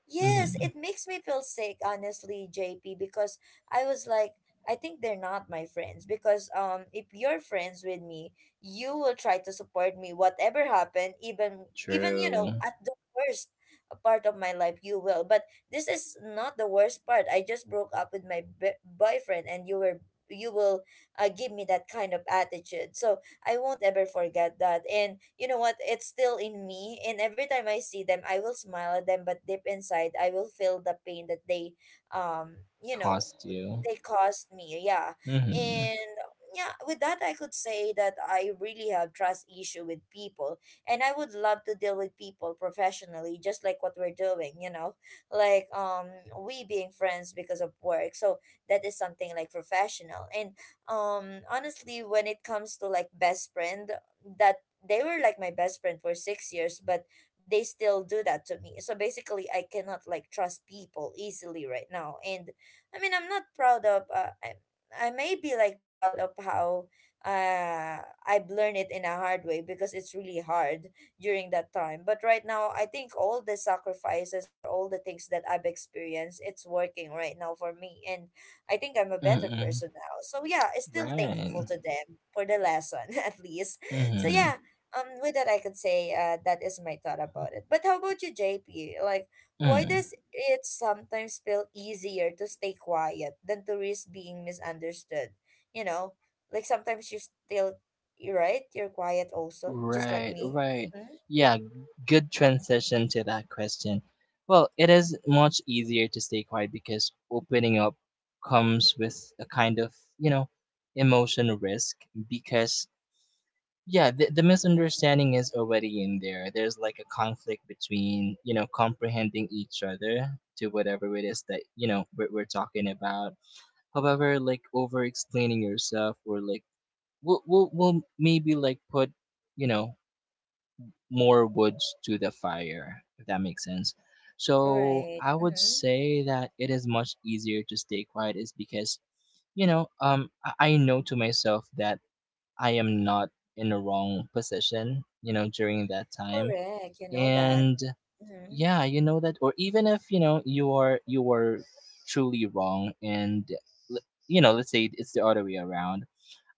Speaker 1: Yes, it
Speaker 2: Hmm.
Speaker 1: makes me feel sick, honestly, JP, because I was like, I think they're not my friends. Because if you're friends with me, you will try to support me, whatever happened, even you know,
Speaker 2: True.
Speaker 1: at the worst part of my life, you will. But this is not the worst part. I just broke up with my b boyfriend, and you will, give me that kind of attitude. So I won't ever forget that. And you know what? It's still in me. And every time I see them, I will smile at them, but deep inside, I will feel the pain that they, um, you know,
Speaker 2: Cost you.
Speaker 1: they caused me. Yeah.
Speaker 2: Hmm.
Speaker 1: And yeah, with that, I could say that I really have trust issue with people, and I would love to deal with people professionally, just like what we're doing. You know, like we being friends because of work. So that is something like professional. And honestly, when it comes to like best friend, that they were like my best friend for 6 years, but they still do that to me. So basically, I cannot like trust people easily right now. And I mean, I'm not proud of I may be like proud of how uh I've learned it in a hard way, because it's really hard during that time. But right now, I think all the sacrifices or all the things that I've experienced, it's working right now for me. And I think I'm a better
Speaker 2: Mm-mm.
Speaker 1: person now. So yeah, I'm still thankful to
Speaker 2: Right.
Speaker 1: them for the lesson at least. So yeah,
Speaker 2: Hmm.
Speaker 1: with that, I could say that is my thought about it. But how about you, JP? Like why does it sometimes feel easier to stay quiet than to risk being misunderstood? You know, like sometimes you're right, you're quiet also, just like
Speaker 2: Right,
Speaker 1: me.
Speaker 2: right.
Speaker 1: Mm-hmm.
Speaker 2: Yeah, good transition to that question. Well, it is much easier to stay quiet, because opening up comes with a kind of, you know, emotion risk, because yeah, the misunderstanding is already in there. There's like a conflict between, comprehending each other to whatever it is that, we're talking about. However, like over explaining yourself, or like we'll maybe like put you know more woods to the fire, if that makes sense. So
Speaker 1: Right.
Speaker 2: I would
Speaker 1: Mm-hmm.
Speaker 2: say that it is much easier to stay quiet, is because, I know to myself that I am not in the wrong position, during that time.
Speaker 1: Correct. You know that.
Speaker 2: And
Speaker 1: Mm-hmm.
Speaker 2: yeah, you know that, or even if, you are truly wrong, and l- let's say it's the other way around,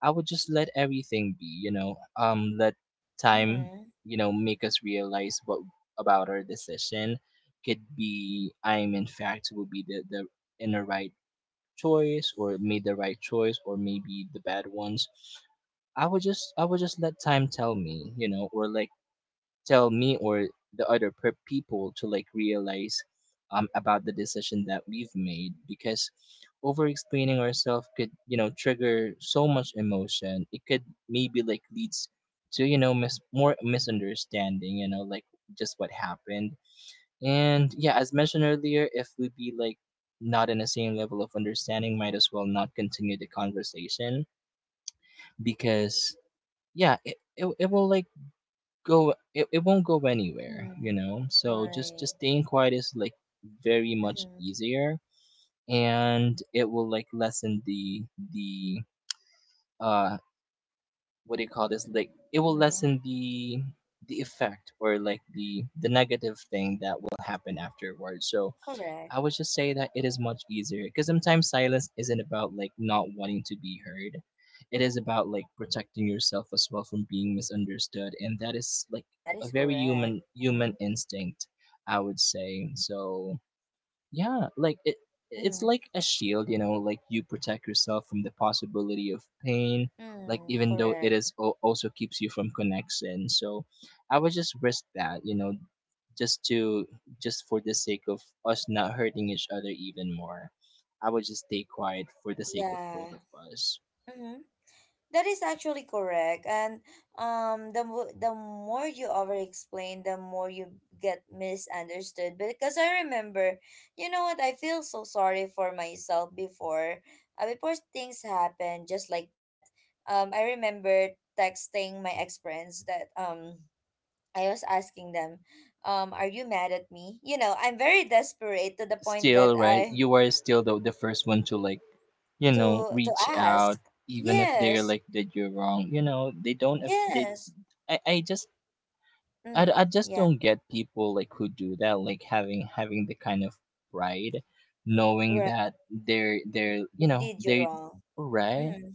Speaker 2: I would just let everything be, let time,
Speaker 1: Mm-hmm.
Speaker 2: make us realize what about our decision could be. I'm in fact would be the in the right choice, or made the right choice, or maybe the bad ones. I would just let time tell me, or like tell me or the other people to like realize about the decision that we've made, because over explaining ourselves could trigger so much emotion. It could maybe like leads to more misunderstanding, like just what happened. And yeah, as mentioned earlier, if we be like not in the same level of understanding, might as well not continue the conversation, because yeah, it will like go, it won't go anywhere,
Speaker 1: Mm-hmm.
Speaker 2: so just
Speaker 1: Right.
Speaker 2: just staying quiet is like very much
Speaker 1: Mm-hmm.
Speaker 2: easier, and it will like lessen the the uh what do you call this, like it will
Speaker 1: Mhm.
Speaker 2: lessen the effect or like the negative thing that will happen afterwards. So
Speaker 1: Correct.
Speaker 2: I would just say that it is much easier, because sometimes silence isn't about like not wanting to be heard. It is about like protecting yourself as well from being misunderstood, and that is like
Speaker 1: That
Speaker 2: a
Speaker 1: is
Speaker 2: very
Speaker 1: correct.
Speaker 2: human
Speaker 1: Mhm.
Speaker 2: instinct, I would say. So yeah, like it's
Speaker 1: Mhm.
Speaker 2: like a shield, you know, like you protect yourself from the possibility of pain, like
Speaker 1: Mm,
Speaker 2: even though it
Speaker 1: correct.
Speaker 2: is also keeps you from connection. So I would just risk that, just to just for the sake of us not hurting each other even more. I would just stay quiet for the sake of both of
Speaker 1: Yeah.
Speaker 2: us.
Speaker 1: Mhm. That is actually correct. And the more you over explain, the more you get misunderstood. Because I remember, you know what, I feel so sorry for myself before, before things happen just like that. I remember texting my ex friends that I was asking them, "Are you mad at me?" You know, I'm very desperate to the point
Speaker 2: Still
Speaker 1: that
Speaker 2: right,
Speaker 1: I,
Speaker 2: you are still the first one to like
Speaker 1: to
Speaker 2: reach
Speaker 1: ask.
Speaker 2: out, even if they're
Speaker 1: Yes,
Speaker 2: like that. You are wrong, you know. They don't ap- they
Speaker 1: yes.
Speaker 2: i, I just I, d-
Speaker 1: Mm,
Speaker 2: I just
Speaker 1: yeah,
Speaker 2: don't get people like who do that, like having the kind of pride knowing
Speaker 1: right.
Speaker 2: that they're you
Speaker 1: They
Speaker 2: know
Speaker 1: did you
Speaker 2: they—
Speaker 1: wrong.
Speaker 2: right.
Speaker 1: Mm-hmm,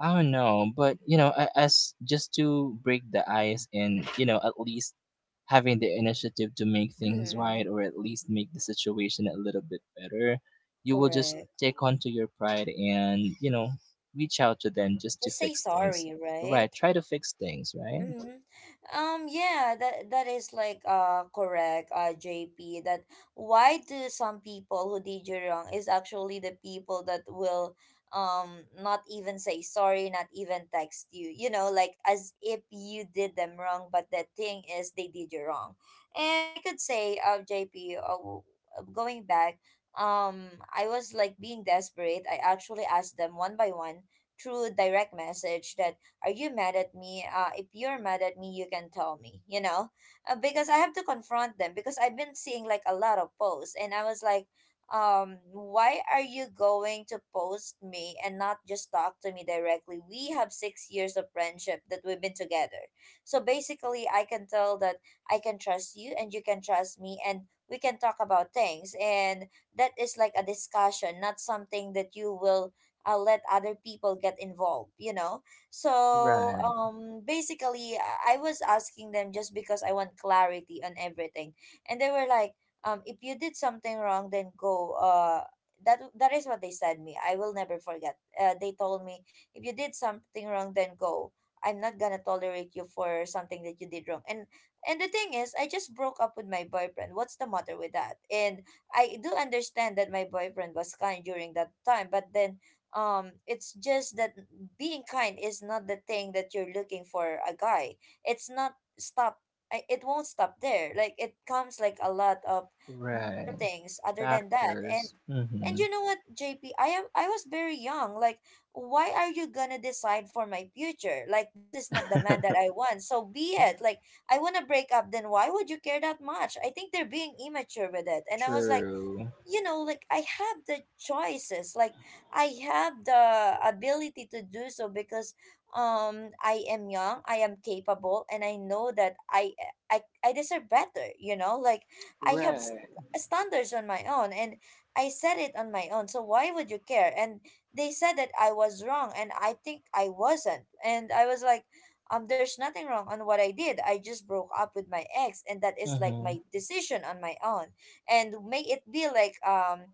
Speaker 2: I don't know, but you know, as just to break the ice and you know, at least having the initiative to make things right
Speaker 1: mm-hmm.
Speaker 2: or at least make the situation a little bit better, you will just
Speaker 1: Correct.
Speaker 2: take onto your pride and you know, reach out to them just to
Speaker 1: Just say
Speaker 2: fix things.
Speaker 1: sorry,
Speaker 2: Right,
Speaker 1: right?
Speaker 2: try to fix things, right?
Speaker 1: Mm-hmm. Yeah, that is like correct, JP, that why do some people who did you wrong is actually the people that will not even say sorry, not even text you. You know, like as if you did them wrong, but the thing is they did you wrong. And I could say, JP, going back, I was like being desperate. I actually asked them one by one through direct message that, are you mad at me? If you're mad at me, you can tell me, you know. Because I have to confront them because I've been seeing like a lot of posts and I was like, why are you going to post me and not just talk to me directly? We have 6 years of friendship that we've been together. So basically I can tell that I can trust you and you can trust me, and we can talk about things, and that is like a discussion, not something that you will let other people get involved, you know. So
Speaker 2: Right,
Speaker 1: basically I was asking them just because I want clarity on everything. And they were like, if you did something wrong then go, that is what they said me. I will never forget. They told me if you did something wrong then go. I'm not gonna tolerate you for something that you did wrong. And the thing is, I just broke up with my boyfriend. What's the matter with that? And I do understand that my boyfriend was kind during that time, but then it's just that being kind is not the thing that you're looking for a guy. It's not stop. I, it won't stop there. Like it comes like a lot of more
Speaker 2: right.
Speaker 1: things other than that. And
Speaker 2: Factors.
Speaker 1: and
Speaker 2: Mm-hmm.
Speaker 1: you know what, J P? I am I was very young. Like why are you gonna decide for my future? Like this is not the man that I want. So be it. Like I want to break up, then why would you care that much? I think they're being immature with it. And I was like,
Speaker 2: True.
Speaker 1: you know, like I have the choices, like I have the ability to do so because I am young, I am capable, and I know that I deserve better, you know. Like I have
Speaker 2: Right.
Speaker 1: standards on my own and I set it on my own, so why would you care? And they said that I was wrong and I think I wasn't, and I was like, there's nothing wrong on what I did, I just broke up with my ex and that is like my
Speaker 2: Mm-hmm.
Speaker 1: decision on my own. And may it be like,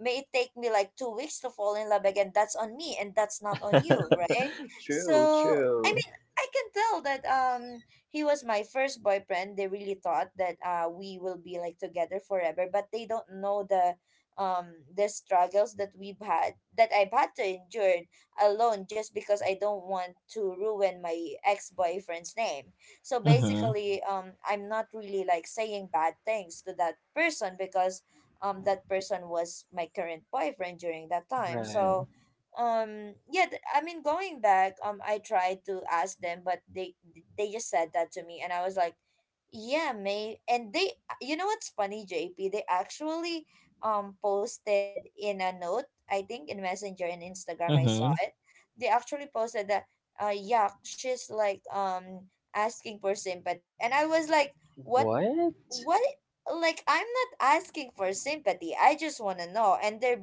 Speaker 1: may it take me like 2 weeks to fall in love again, that's on me and that's not on you, right?
Speaker 2: True,
Speaker 1: So I
Speaker 2: true.
Speaker 1: mean, I can tell that he was my first boyfriend, they really thought that we will be like together forever, but they don't know the struggles that we've had, that I've had to endure alone just because I don't want to ruin my ex-boyfriend's name. So
Speaker 2: Mm-hmm.
Speaker 1: basically, I'm not really like saying bad things to that person because that person was my current boyfriend during that time.
Speaker 2: Right.
Speaker 1: So yeah, I mean, going back, I tried to ask them but they just said that to me and I was like yeah may and they, you know what's funny, JP, they actually posted in a note, I think in messenger and Instagram I saw
Speaker 2: Mm-hmm.
Speaker 1: it. They actually posted that yeah, she's like asking for sympathy and I was like what,
Speaker 2: What?
Speaker 1: what. Like I'm not asking for sympathy, I just want to know, and they're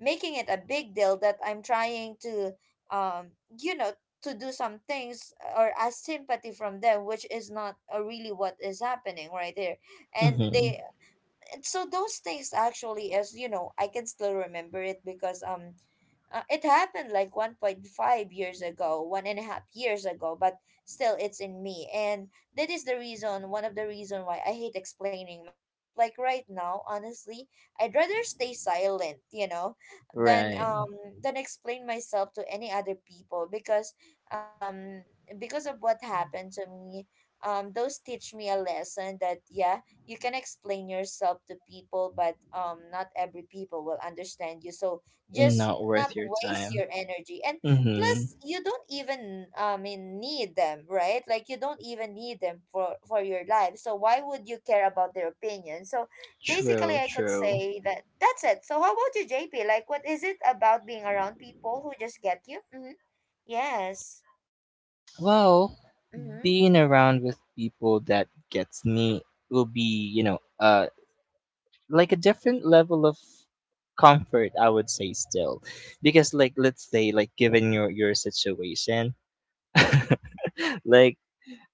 Speaker 1: making it a big deal that I'm trying to um you know, to do some things or ask sympathy from them, which is not really what is happening right there. and
Speaker 2: Mm-hmm.
Speaker 1: they and so those things actually, as you know, I can still remember it because it happened like 1.5 years ago, 1.5 years ago, but still it's in me. And that is the reason, one of the reason why I hate explaining myself. Like right now, honestly, I'd rather stay silent, you know, than
Speaker 2: Right.
Speaker 1: um than explain myself to any other people because, um because of what happened to me, those teach me a lesson that yeah, you can explain yourself to people, but not every people will understand you. So just
Speaker 2: Not
Speaker 1: not
Speaker 2: worth your
Speaker 1: waste
Speaker 2: time.
Speaker 1: your energy. And
Speaker 2: Mm-hmm.
Speaker 1: plus you don't even I mean need them, right? Like you don't even need them for your life, so why would you care about their opinion? So basically
Speaker 2: True,
Speaker 1: I could
Speaker 2: true.
Speaker 1: say that that's it. So how about you, JP? Like what is it about being around people who just get you? Mm-hmm. Yes.
Speaker 2: Well,
Speaker 1: Mm-hmm.
Speaker 2: being around with people that gets me will be, you know, like a different level of comfort, I would say, still. Because, like, let's say, like, given your situation, like,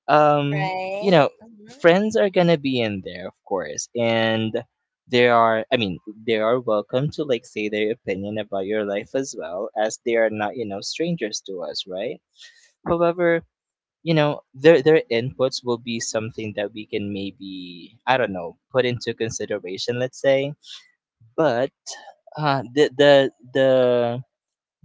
Speaker 2: um, you
Speaker 1: Right.
Speaker 2: know,
Speaker 1: Mm-hmm.
Speaker 2: friends are gonna be in there, of course, and they are, I mean, they are welcome to like say their opinion about your life as well, as they are not, you know, strangers to us, right? However, you know, their inputs will be something that we can maybe, I don't know, put into consideration, let's say. But uh the the the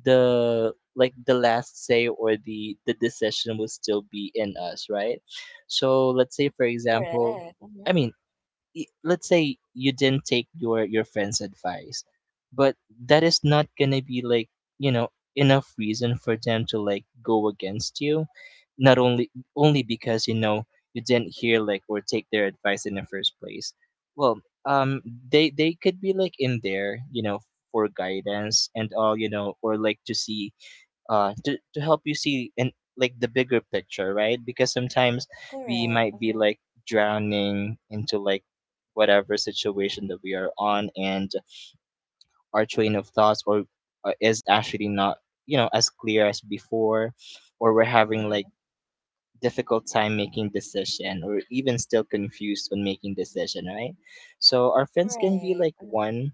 Speaker 2: the, like, the last say or the decision will still be in us, right? So let's say, for example,
Speaker 1: Correct. Mm-hmm.
Speaker 2: I mean, let's say you didn't take your friend's advice, but that is not gonna be like, you know, enough reason for them to like go against you, not only only because, you know, you didn't hear like or take their advice in the first place. Well, um, they could be like in there, you know, for guidance and all, you know, or like to see, to help you see and like the bigger picture, right? Because sometimes we
Speaker 1: Correct.
Speaker 2: might be
Speaker 1: Mm-hmm.
Speaker 2: like drowning into like whatever situation that we are on, and our train of thoughts or is actually not, you know, as clear as before, or we're having
Speaker 1: Mm-hmm.
Speaker 2: like difficult time making decision or even still confused when making decision, right? So our friends can be
Speaker 1: Right.
Speaker 2: like
Speaker 1: Mm-hmm.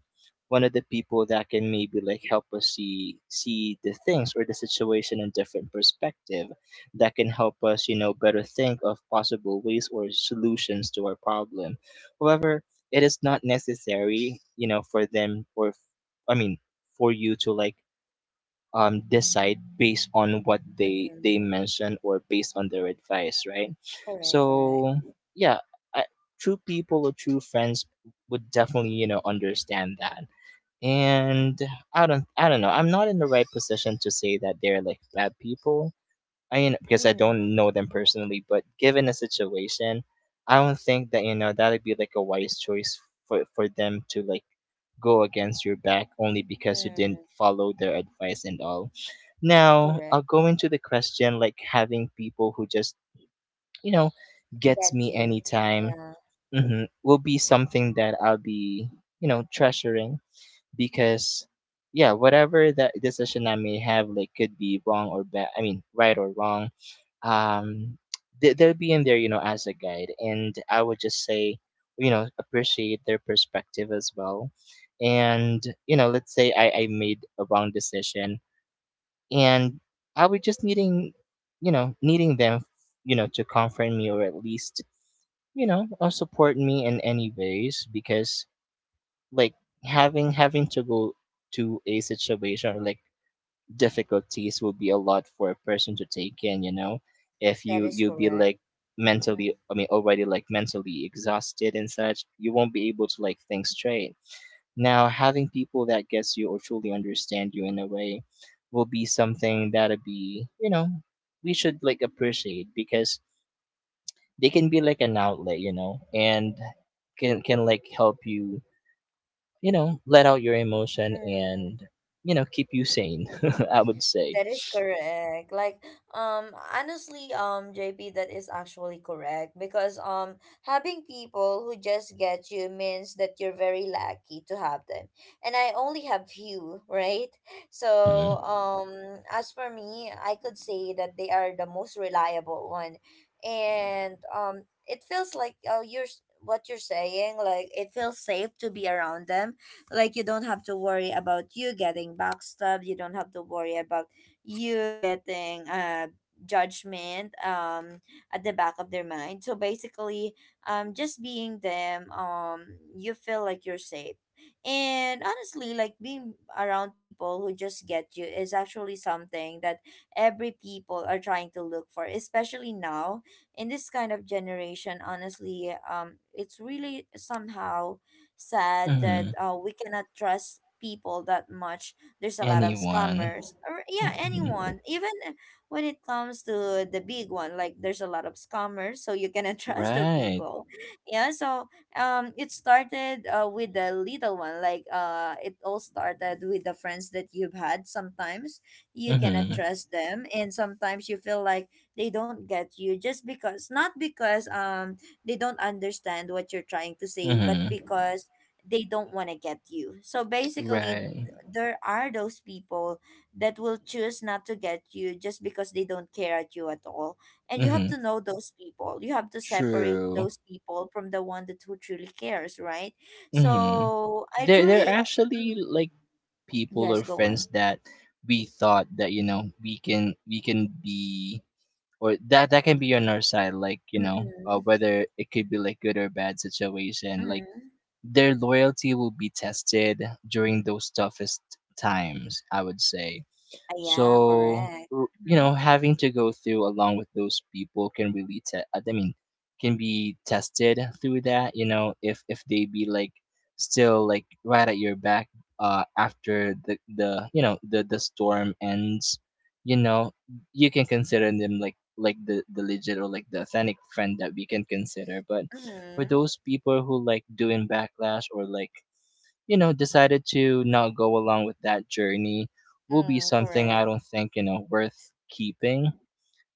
Speaker 2: one of the people that can maybe like help us see the things or the situation in different perspective, that can help us, you know, better think of possible ways or solutions to our problem. However, it is not necessary, you know, for them or I mean, for you to like, decide based on what they
Speaker 1: Mm-hmm.
Speaker 2: mention or based on their advice, right?
Speaker 1: Correct, correct.
Speaker 2: So yeah, I— true people or true friends would definitely, you know, understand that. And I don't know, I'm not in the right position to say that they're like bad people. I mean, because I
Speaker 1: Mm-hmm.
Speaker 2: don't know them personally, but given a situation, I don't think that, you know, that would be like a wise choice for them to like go against your back only because you didn't
Speaker 1: Mm-hmm.
Speaker 2: follow their advice and all. Now,
Speaker 1: Correct.
Speaker 2: I'll go into the question, like having people who just, you know, gets
Speaker 1: Get
Speaker 2: me
Speaker 1: you.
Speaker 2: anytime,
Speaker 1: Yeah,
Speaker 2: hmm, will be something that I'll be, you know, treasuring, because, yeah, whatever that decision I may have, like, could be wrong or bad, I mean, right or wrong, um, they'll be in there, you know, as a guide. And I would just say, you know, appreciate their perspective as well. And, you know, let's say I made a wrong decision, and I was just needing, you know, needing them, you know, to comfort me or at least, you know, or support me in any ways. Because, like, having to go to a situation or like difficulties will be a lot for a person to take in, you know. If
Speaker 1: that is
Speaker 2: you be
Speaker 1: correct.
Speaker 2: like
Speaker 1: Mhm.
Speaker 2: mentally, I mean, already like mentally exhausted and such, you won't be able to like think straight. Now, having people that gets you or truly understand you in a way will be something that'll be, you know, we should like appreciate, because they can be like an outlet, you know, and can like help you, you know, let out your emotion
Speaker 1: Mm.
Speaker 2: and, you know, keep you sane, I would say.
Speaker 1: That is correct. Like, honestly, JP, that is actually correct because having people who just get you means that you're very lucky to have them, and I only have few, right? So, as for me, I could say that they are the most reliable one, and it feels like oh, you're what you're saying. Like, it feels safe to be around them, like you don't have to worry about you getting backstabbed, you don't have to worry about you getting judgment at the back of their mind. So basically just being them, you feel like you're safe. And honestly, like being around people who just get you is actually something that every people are trying to look for, especially now in this kind of generation. Honestly, it's really somehow sad that
Speaker 2: Mm-hmm.
Speaker 1: we cannot trust people that much. There's a lot of
Speaker 2: Anyone.
Speaker 1: scammers, or yeah,
Speaker 2: Mm-hmm.
Speaker 1: anyone. Even when it comes to the big one, like there's a lot of scammers, so you cannot trust the
Speaker 2: Right.
Speaker 1: people. Yeah, so, it started with the little one. Like, it all started with the friends that you've had. Sometimes you cannot
Speaker 2: Mm-hmm.
Speaker 1: trust them, and sometimes you feel like they don't get you, just because not because they don't understand what you're trying to say, but
Speaker 2: Mm-hmm.
Speaker 1: because they don't want to get you. So basically,
Speaker 2: Right.
Speaker 1: there are those people that will choose not to get you just because they don't care at you at all. And you have
Speaker 2: Mm-hmm.
Speaker 1: to know those people. You have to separate
Speaker 2: True.
Speaker 1: those people from the one that who truly cares, right?
Speaker 2: Mm-hmm.
Speaker 1: So I
Speaker 2: There are
Speaker 1: truly Mm,
Speaker 2: actually like people
Speaker 1: yes,
Speaker 2: or
Speaker 1: go on.
Speaker 2: friends that we thought that, you know, we can be, or that can be on our side, like, you know,
Speaker 1: Mm-hmm.
Speaker 2: whether it could be like good or bad situation, like
Speaker 1: Mm-hmm.
Speaker 2: their loyalty will be tested during those toughest times, I would say.
Speaker 1: Yeah,
Speaker 2: So
Speaker 1: correct.
Speaker 2: you
Speaker 1: Mm-hmm.
Speaker 2: know, having to go through along with those people can really I mean, can be tested through that. You know, if they be like still like right at your back after the you know the storm ends, you know, you can consider them like the legit or like the authentic friend that we can consider. But for
Speaker 1: Mm-hmm.
Speaker 2: those people who like doing backlash or like, you know, decided to not go along with that journey, will be
Speaker 1: Mm,
Speaker 2: something I
Speaker 1: correct.
Speaker 2: don't think, you know, worth keeping,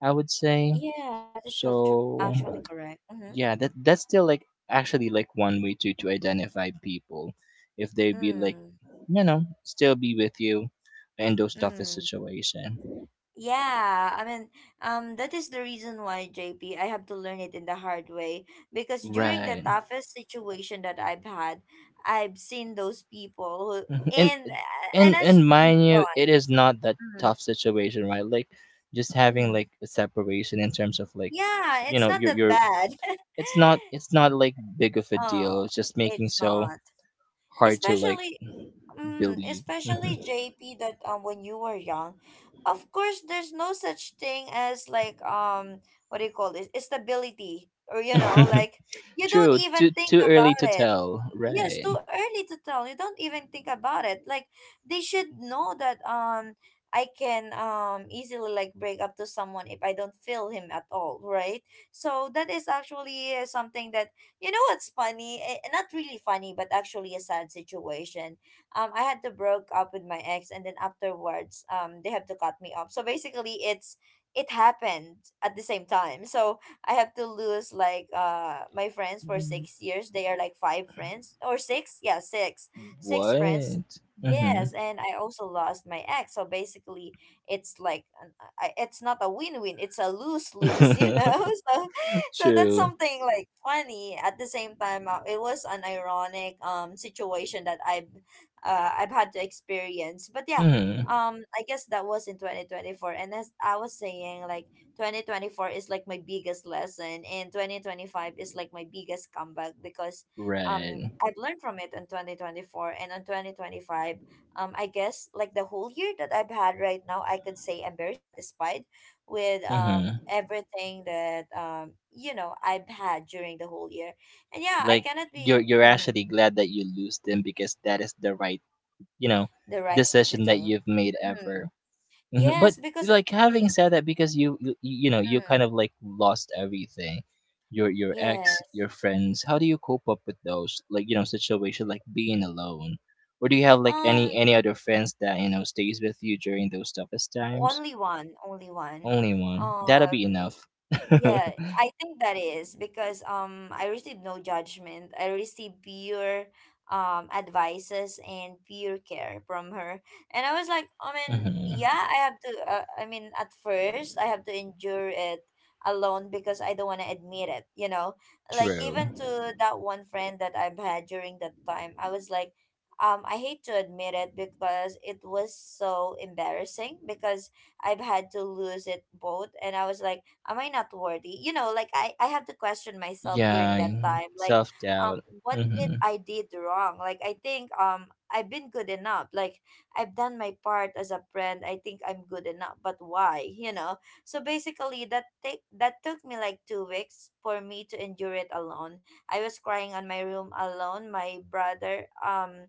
Speaker 2: I would say.
Speaker 1: Yeah, that is actually
Speaker 2: So,
Speaker 1: correct. Mm-hmm.
Speaker 2: yeah, that that's still like actually like one way to identify people if they be like,
Speaker 1: Mm.
Speaker 2: you know, still be with you in those toughest
Speaker 1: Mm.
Speaker 2: situation.
Speaker 1: Yeah, I mean, that is the reason why, JP, I have to learn it in the hard way, because during the
Speaker 2: Right.
Speaker 1: toughest situation that I've had, I've seen those people
Speaker 2: Mhm.
Speaker 1: who
Speaker 2: And
Speaker 1: and
Speaker 2: and
Speaker 1: I
Speaker 2: and mind
Speaker 1: go
Speaker 2: you,
Speaker 1: on.
Speaker 2: it is not that
Speaker 1: Mm,
Speaker 2: tough situation, right? Like just having like
Speaker 1: mm.
Speaker 2: a separation in terms of like,
Speaker 1: Yeah,
Speaker 2: you
Speaker 1: it's
Speaker 2: know,
Speaker 1: not
Speaker 2: your
Speaker 1: that bad.
Speaker 2: it's not, it's not like big of a
Speaker 1: Oh,
Speaker 2: deal. It's just making
Speaker 1: it's
Speaker 2: so
Speaker 1: not.
Speaker 2: hard to like
Speaker 1: Especially Mm,
Speaker 2: believe. Mhm.
Speaker 1: especially JP that when you were young, of course there's no such thing as like what do you call this? Stability, or you know, like you don't
Speaker 2: True.
Speaker 1: even think
Speaker 2: Too early
Speaker 1: about
Speaker 2: to
Speaker 1: it.
Speaker 2: tell.
Speaker 1: Yes, too
Speaker 2: Right.
Speaker 1: early to tell, you don't even think about it, like they should know that I can easily like break up to someone if I don't feel him at all, right? So that is actually something that, you know what's funny, eh, not really funny but actually a sad situation, I had to broke up with my ex and then afterwards they have to cut me off. So basically, it happened at the same time. So I have to lose like my friends for
Speaker 2: Mm.
Speaker 1: 6 years. They are like five friends or six, yeah, six friends.
Speaker 2: What? Hmm.
Speaker 1: Yes, and I also lost my ex. So basically, it's like it's not a win-win. It's a lose-lose, you know. So, so that's
Speaker 2: True.
Speaker 1: something like funny. At the same time, it was an ironic situation that I've had to experience. But yeah,
Speaker 2: Hmm.
Speaker 1: I guess that was in 2024. And as I was saying, like 2024 is like my biggest lesson and 2025 is like my biggest comeback because um
Speaker 2: Right.
Speaker 1: I've learned from it in 2024 and on 2025, I guess like the whole year that I've had right now, I could say I'm very satisfied with
Speaker 2: Hmm.
Speaker 1: everything that, you know, I've had during the whole year. And yeah, I
Speaker 2: Like,
Speaker 1: cannot
Speaker 2: you're
Speaker 1: be mm,
Speaker 2: actually glad that you lose them because that is the right, you know,
Speaker 1: the right thing to
Speaker 2: decision that
Speaker 1: do.
Speaker 2: you've made
Speaker 1: Mm.
Speaker 2: ever. Mhm. But
Speaker 1: Yes, because
Speaker 2: like having
Speaker 1: mm,
Speaker 2: said that, because you, you know, you
Speaker 1: mm,
Speaker 2: kind of like lost everything, your
Speaker 1: yes,
Speaker 2: ex, your friends. How do you cope up with those, like, you know, situation, like being alone, or do you have like
Speaker 1: um
Speaker 2: any other friends that, you know, stays with you during those toughest times?
Speaker 1: Only one, only one.
Speaker 2: Only one. That'll
Speaker 1: Um,
Speaker 2: be enough.
Speaker 1: yeah, I think that is because I received no judgment. I received pure advices and pure care from her. And I was like, I mean, yeah,
Speaker 2: Hmm.
Speaker 1: I have to, I mean, at first I have to endure it alone because I don't want to admit it, you know? Like
Speaker 2: True.
Speaker 1: even to that one friend that I've had during that time, I was like, I hate to admit it because it was so embarrassing because I've had to lose it both, and I was like am I not worthy, you know? Like I had to question myself during
Speaker 2: Yeah.
Speaker 1: that time, like
Speaker 2: Self doubt.
Speaker 1: what did
Speaker 2: Hmm.
Speaker 1: I did wrong? Like I think I've been good enough, like I've done my part as a friend, I think I'm good enough, but why, you know? So basically that take that took me like 2 weeks for me to endure it alone. I was crying on my room alone, my brother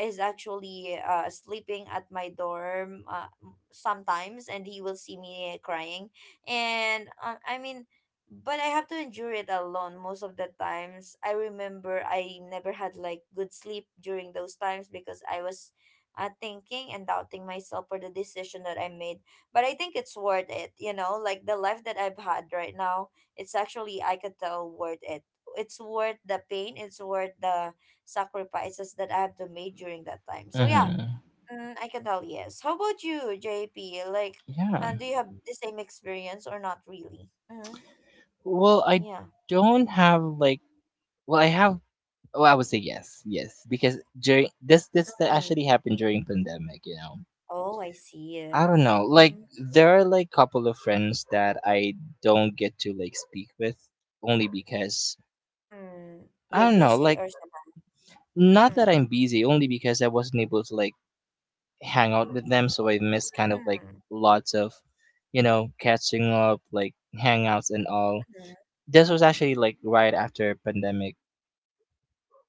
Speaker 1: is actually sleeping at my dorm, sometimes, and he will see me crying, and I mean, but I have to endure it alone most of the times. I remember I never had like good sleep during those times because I was thinking and doubting myself for the decision that I made. But I think it's worth it, you know? Like the life that I've had right now, it's actually I could tell worth it. It's worth the pain, it's worth the sacrifices that I have to make during that time. So yeah,
Speaker 2: Hmm.
Speaker 1: mm, I can tell yes. How about you, JP? Like,
Speaker 2: Yeah.
Speaker 1: do you have the same experience or not really? Mm-hmm.
Speaker 2: Well, I
Speaker 1: Yeah.
Speaker 2: don't have like— well, I have— oh, I would say yes, yes, because during this that
Speaker 1: Mm.
Speaker 2: actually happened during pandemic. You know,
Speaker 1: Oh, I see.
Speaker 2: I don't know. Like
Speaker 1: Mm-hmm.
Speaker 2: there are like couple of friends that I don't get to like speak with only because,
Speaker 1: Mm.
Speaker 2: I
Speaker 1: You're
Speaker 2: don't know.
Speaker 1: busy
Speaker 2: Like,
Speaker 1: or something?
Speaker 2: not that
Speaker 1: Mm.
Speaker 2: I'm busy, only because I wasn't able to like hang out with them, so I missed kind of like
Speaker 1: Mm.
Speaker 2: lots of, you know, catching up, like hangouts and all.
Speaker 1: Mm.
Speaker 2: This was actually like right after pandemic,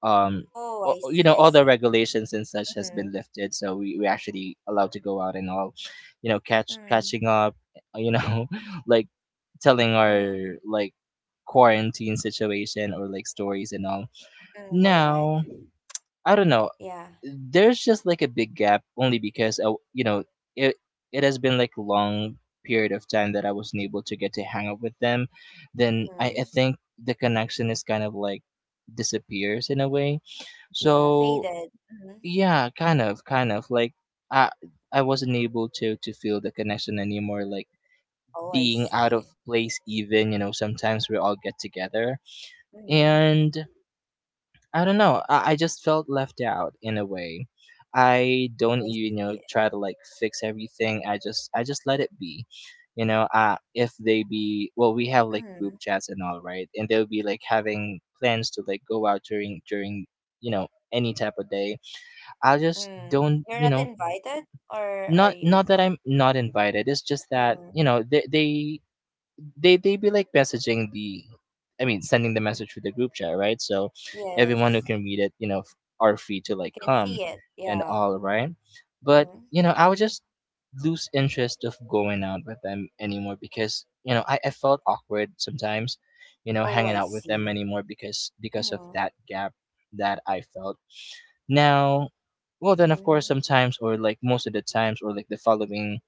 Speaker 2: um,
Speaker 1: Oh, I
Speaker 2: you know,
Speaker 1: see. I
Speaker 2: all the
Speaker 1: see.
Speaker 2: regulations and such has been
Speaker 1: Mm.
Speaker 2: lifted, so we actually allowed to go out and all, you know,
Speaker 1: Mm.
Speaker 2: catching up, you know, like telling
Speaker 1: Mm.
Speaker 2: our, like, quarantine situation or like stories and all.
Speaker 1: Mm. Correct.
Speaker 2: Now, I don't know,
Speaker 1: Yeah.
Speaker 2: there's just like a big gap only because I, you know, it has been like a long period of time that I wasn't able to get to hang out with them. Then I
Speaker 1: Mm.
Speaker 2: think the connection is kind of like disappears in a way.
Speaker 1: Yeah.
Speaker 2: So
Speaker 1: Faded. Mm.
Speaker 2: yeah, kind of, kind of. Like I I wasn't able to feel the connection anymore, like
Speaker 1: Oh, I
Speaker 2: being out of
Speaker 1: see.
Speaker 2: place even, you know, sometimes we all get together.
Speaker 1: Mm.
Speaker 2: And I don't know, I just felt left out in a way. I don't even,
Speaker 1: I
Speaker 2: you know, try to like fix everything. I just let it be. You know, uh, if they be— well, we have like group
Speaker 1: see.
Speaker 2: chats and all, right? And they'll be like having plans to like go out during you know, any type of day. I just
Speaker 1: Mm.
Speaker 2: don't,
Speaker 1: You're
Speaker 2: you
Speaker 1: not
Speaker 2: know,
Speaker 1: invited, or are
Speaker 2: not,
Speaker 1: you?
Speaker 2: that I'm not invited. It's just that,
Speaker 1: Mm.
Speaker 2: you know, they be like messaging the— I mean, sending the
Speaker 1: Mm.
Speaker 2: message through the group chat, right? So everyone who
Speaker 1: Yes,
Speaker 2: can read it, you know, are free to like
Speaker 1: I can
Speaker 2: come
Speaker 1: see it.
Speaker 2: and
Speaker 1: Yeah.
Speaker 2: all, right? But
Speaker 1: Mm-hmm.
Speaker 2: you know, I would just lose interest of going out with them anymore, because you know I felt awkward sometimes, you know,
Speaker 1: Oh,
Speaker 2: hanging
Speaker 1: I
Speaker 2: out with them
Speaker 1: see.
Speaker 2: anymore because of
Speaker 1: Mm-hmm.
Speaker 2: that gap that I felt. Now, well, then of
Speaker 1: Mm-hmm.
Speaker 2: course sometimes or like most of the times or like the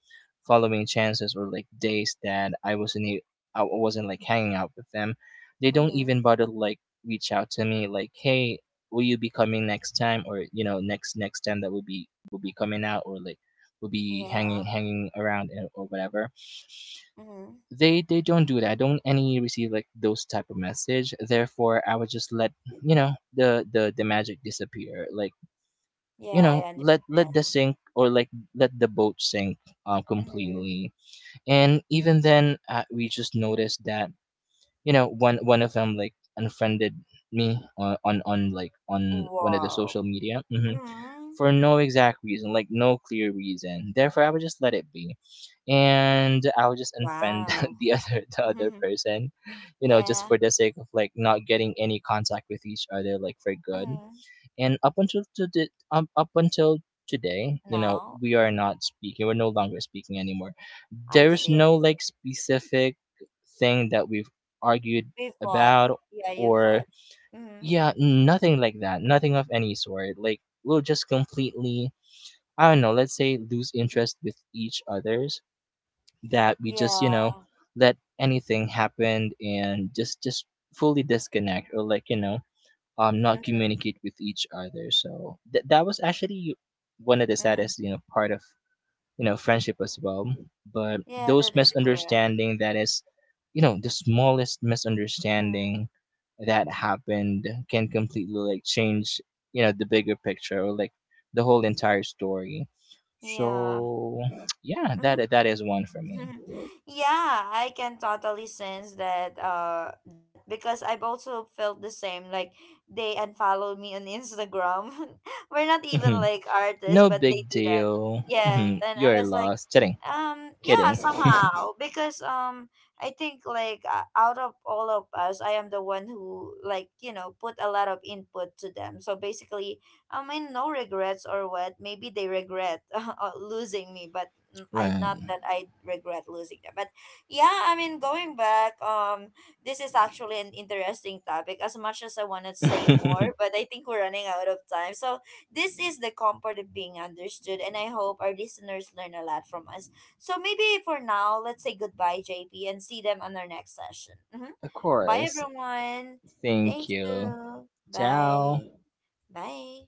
Speaker 2: following chances or like days that I wasn't I wasn't like hanging out with them, they don't
Speaker 1: Mm-hmm.
Speaker 2: even bother to like reach out to me, like, hey, will you be coming next time, or you know, next time that will be coming out, or like will be
Speaker 1: Yeah.
Speaker 2: hanging around and— or whatever.
Speaker 1: Mm-hmm.
Speaker 2: They don't do that. I don't any receive like those type of message. Therefore, I would just let, you know, the magic disappear. Like,
Speaker 1: Yeah,
Speaker 2: you
Speaker 1: I
Speaker 2: know, let
Speaker 1: understand.
Speaker 2: the sink or like let the boat sink, um,
Speaker 1: Mm-hmm.
Speaker 2: completely. And even then, we just noticed that, you know, one of them like unfriended me on like on one of the
Speaker 1: Wow.
Speaker 2: social media, hmm,
Speaker 1: Mm-hmm.
Speaker 2: for no exact reason, like no clear reason. Therefore, I would just let it be, and I would just unfriend
Speaker 1: Wow.
Speaker 2: the other
Speaker 1: Mm-hmm.
Speaker 2: person, you know, just
Speaker 1: Yeah.
Speaker 2: for the sake of like not getting any contact with each other, like, for good.
Speaker 1: Mm-hmm.
Speaker 2: And up until today, up until today, you know,
Speaker 1: Now,
Speaker 2: we are
Speaker 1: mm-hmm.
Speaker 2: not speaking. We're no longer speaking anymore.
Speaker 1: I
Speaker 2: There's
Speaker 1: see. I
Speaker 2: no
Speaker 1: see.
Speaker 2: like specific thing that we've argued
Speaker 1: We fought.
Speaker 2: about,
Speaker 1: Yeah, you
Speaker 2: or
Speaker 1: fought. Mm-hmm.
Speaker 2: yeah, nothing like that. Nothing of any sort. Like we'll just completely, I don't know, let's say lose interest with each other's, that we just, you know,
Speaker 1: Yeah.
Speaker 2: let anything happen, and just fully disconnect or like, you know, um, not
Speaker 1: Mm-hmm.
Speaker 2: communicate with each other. So that was actually one of the
Speaker 1: Mm-hmm.
Speaker 2: saddest, you know, part of, you know, friendship as well. But
Speaker 1: Yeah,
Speaker 2: those
Speaker 1: that is correct.
Speaker 2: misunderstanding that is, you know, the smallest
Speaker 1: Mm-hmm.
Speaker 2: misunderstanding that happened can completely like change, you know, the bigger picture or like the whole entire story.
Speaker 1: Yeah.
Speaker 2: So yeah,
Speaker 1: Mhm.
Speaker 2: that is one for me.
Speaker 1: Yeah, I can totally sense that because I've also felt the same, like they unfollow me on Instagram. We're not even
Speaker 2: Hmm.
Speaker 1: like artists,
Speaker 2: No
Speaker 1: but they
Speaker 2: big
Speaker 1: do that.
Speaker 2: deal. Hmm.
Speaker 1: Yes, and I
Speaker 2: You're
Speaker 1: was like,
Speaker 2: lost. Kidding,
Speaker 1: yeah,
Speaker 2: kidding.
Speaker 1: somehow because I think like, out of all of us I am the one who, like, you know, put a lot of input to them. So basically, I mean, no regrets or what, maybe they regret losing me, but mm, I
Speaker 2: Right.
Speaker 1: not that I regret losing them, but yeah, I mean, going back, this is actually an interesting topic, as much as I want to say more, but I think we're running out of time. So this is the comfort of being understood, and I hope our listeners learn a lot from us. So maybe for now, let's say goodbye, JP, and see them on our next session. Hmm.
Speaker 2: Of
Speaker 1: Bye,
Speaker 2: course.
Speaker 1: everyone.
Speaker 2: Thank
Speaker 1: Thank
Speaker 2: you.
Speaker 1: you.
Speaker 2: Ciao.
Speaker 1: Bye. Bye.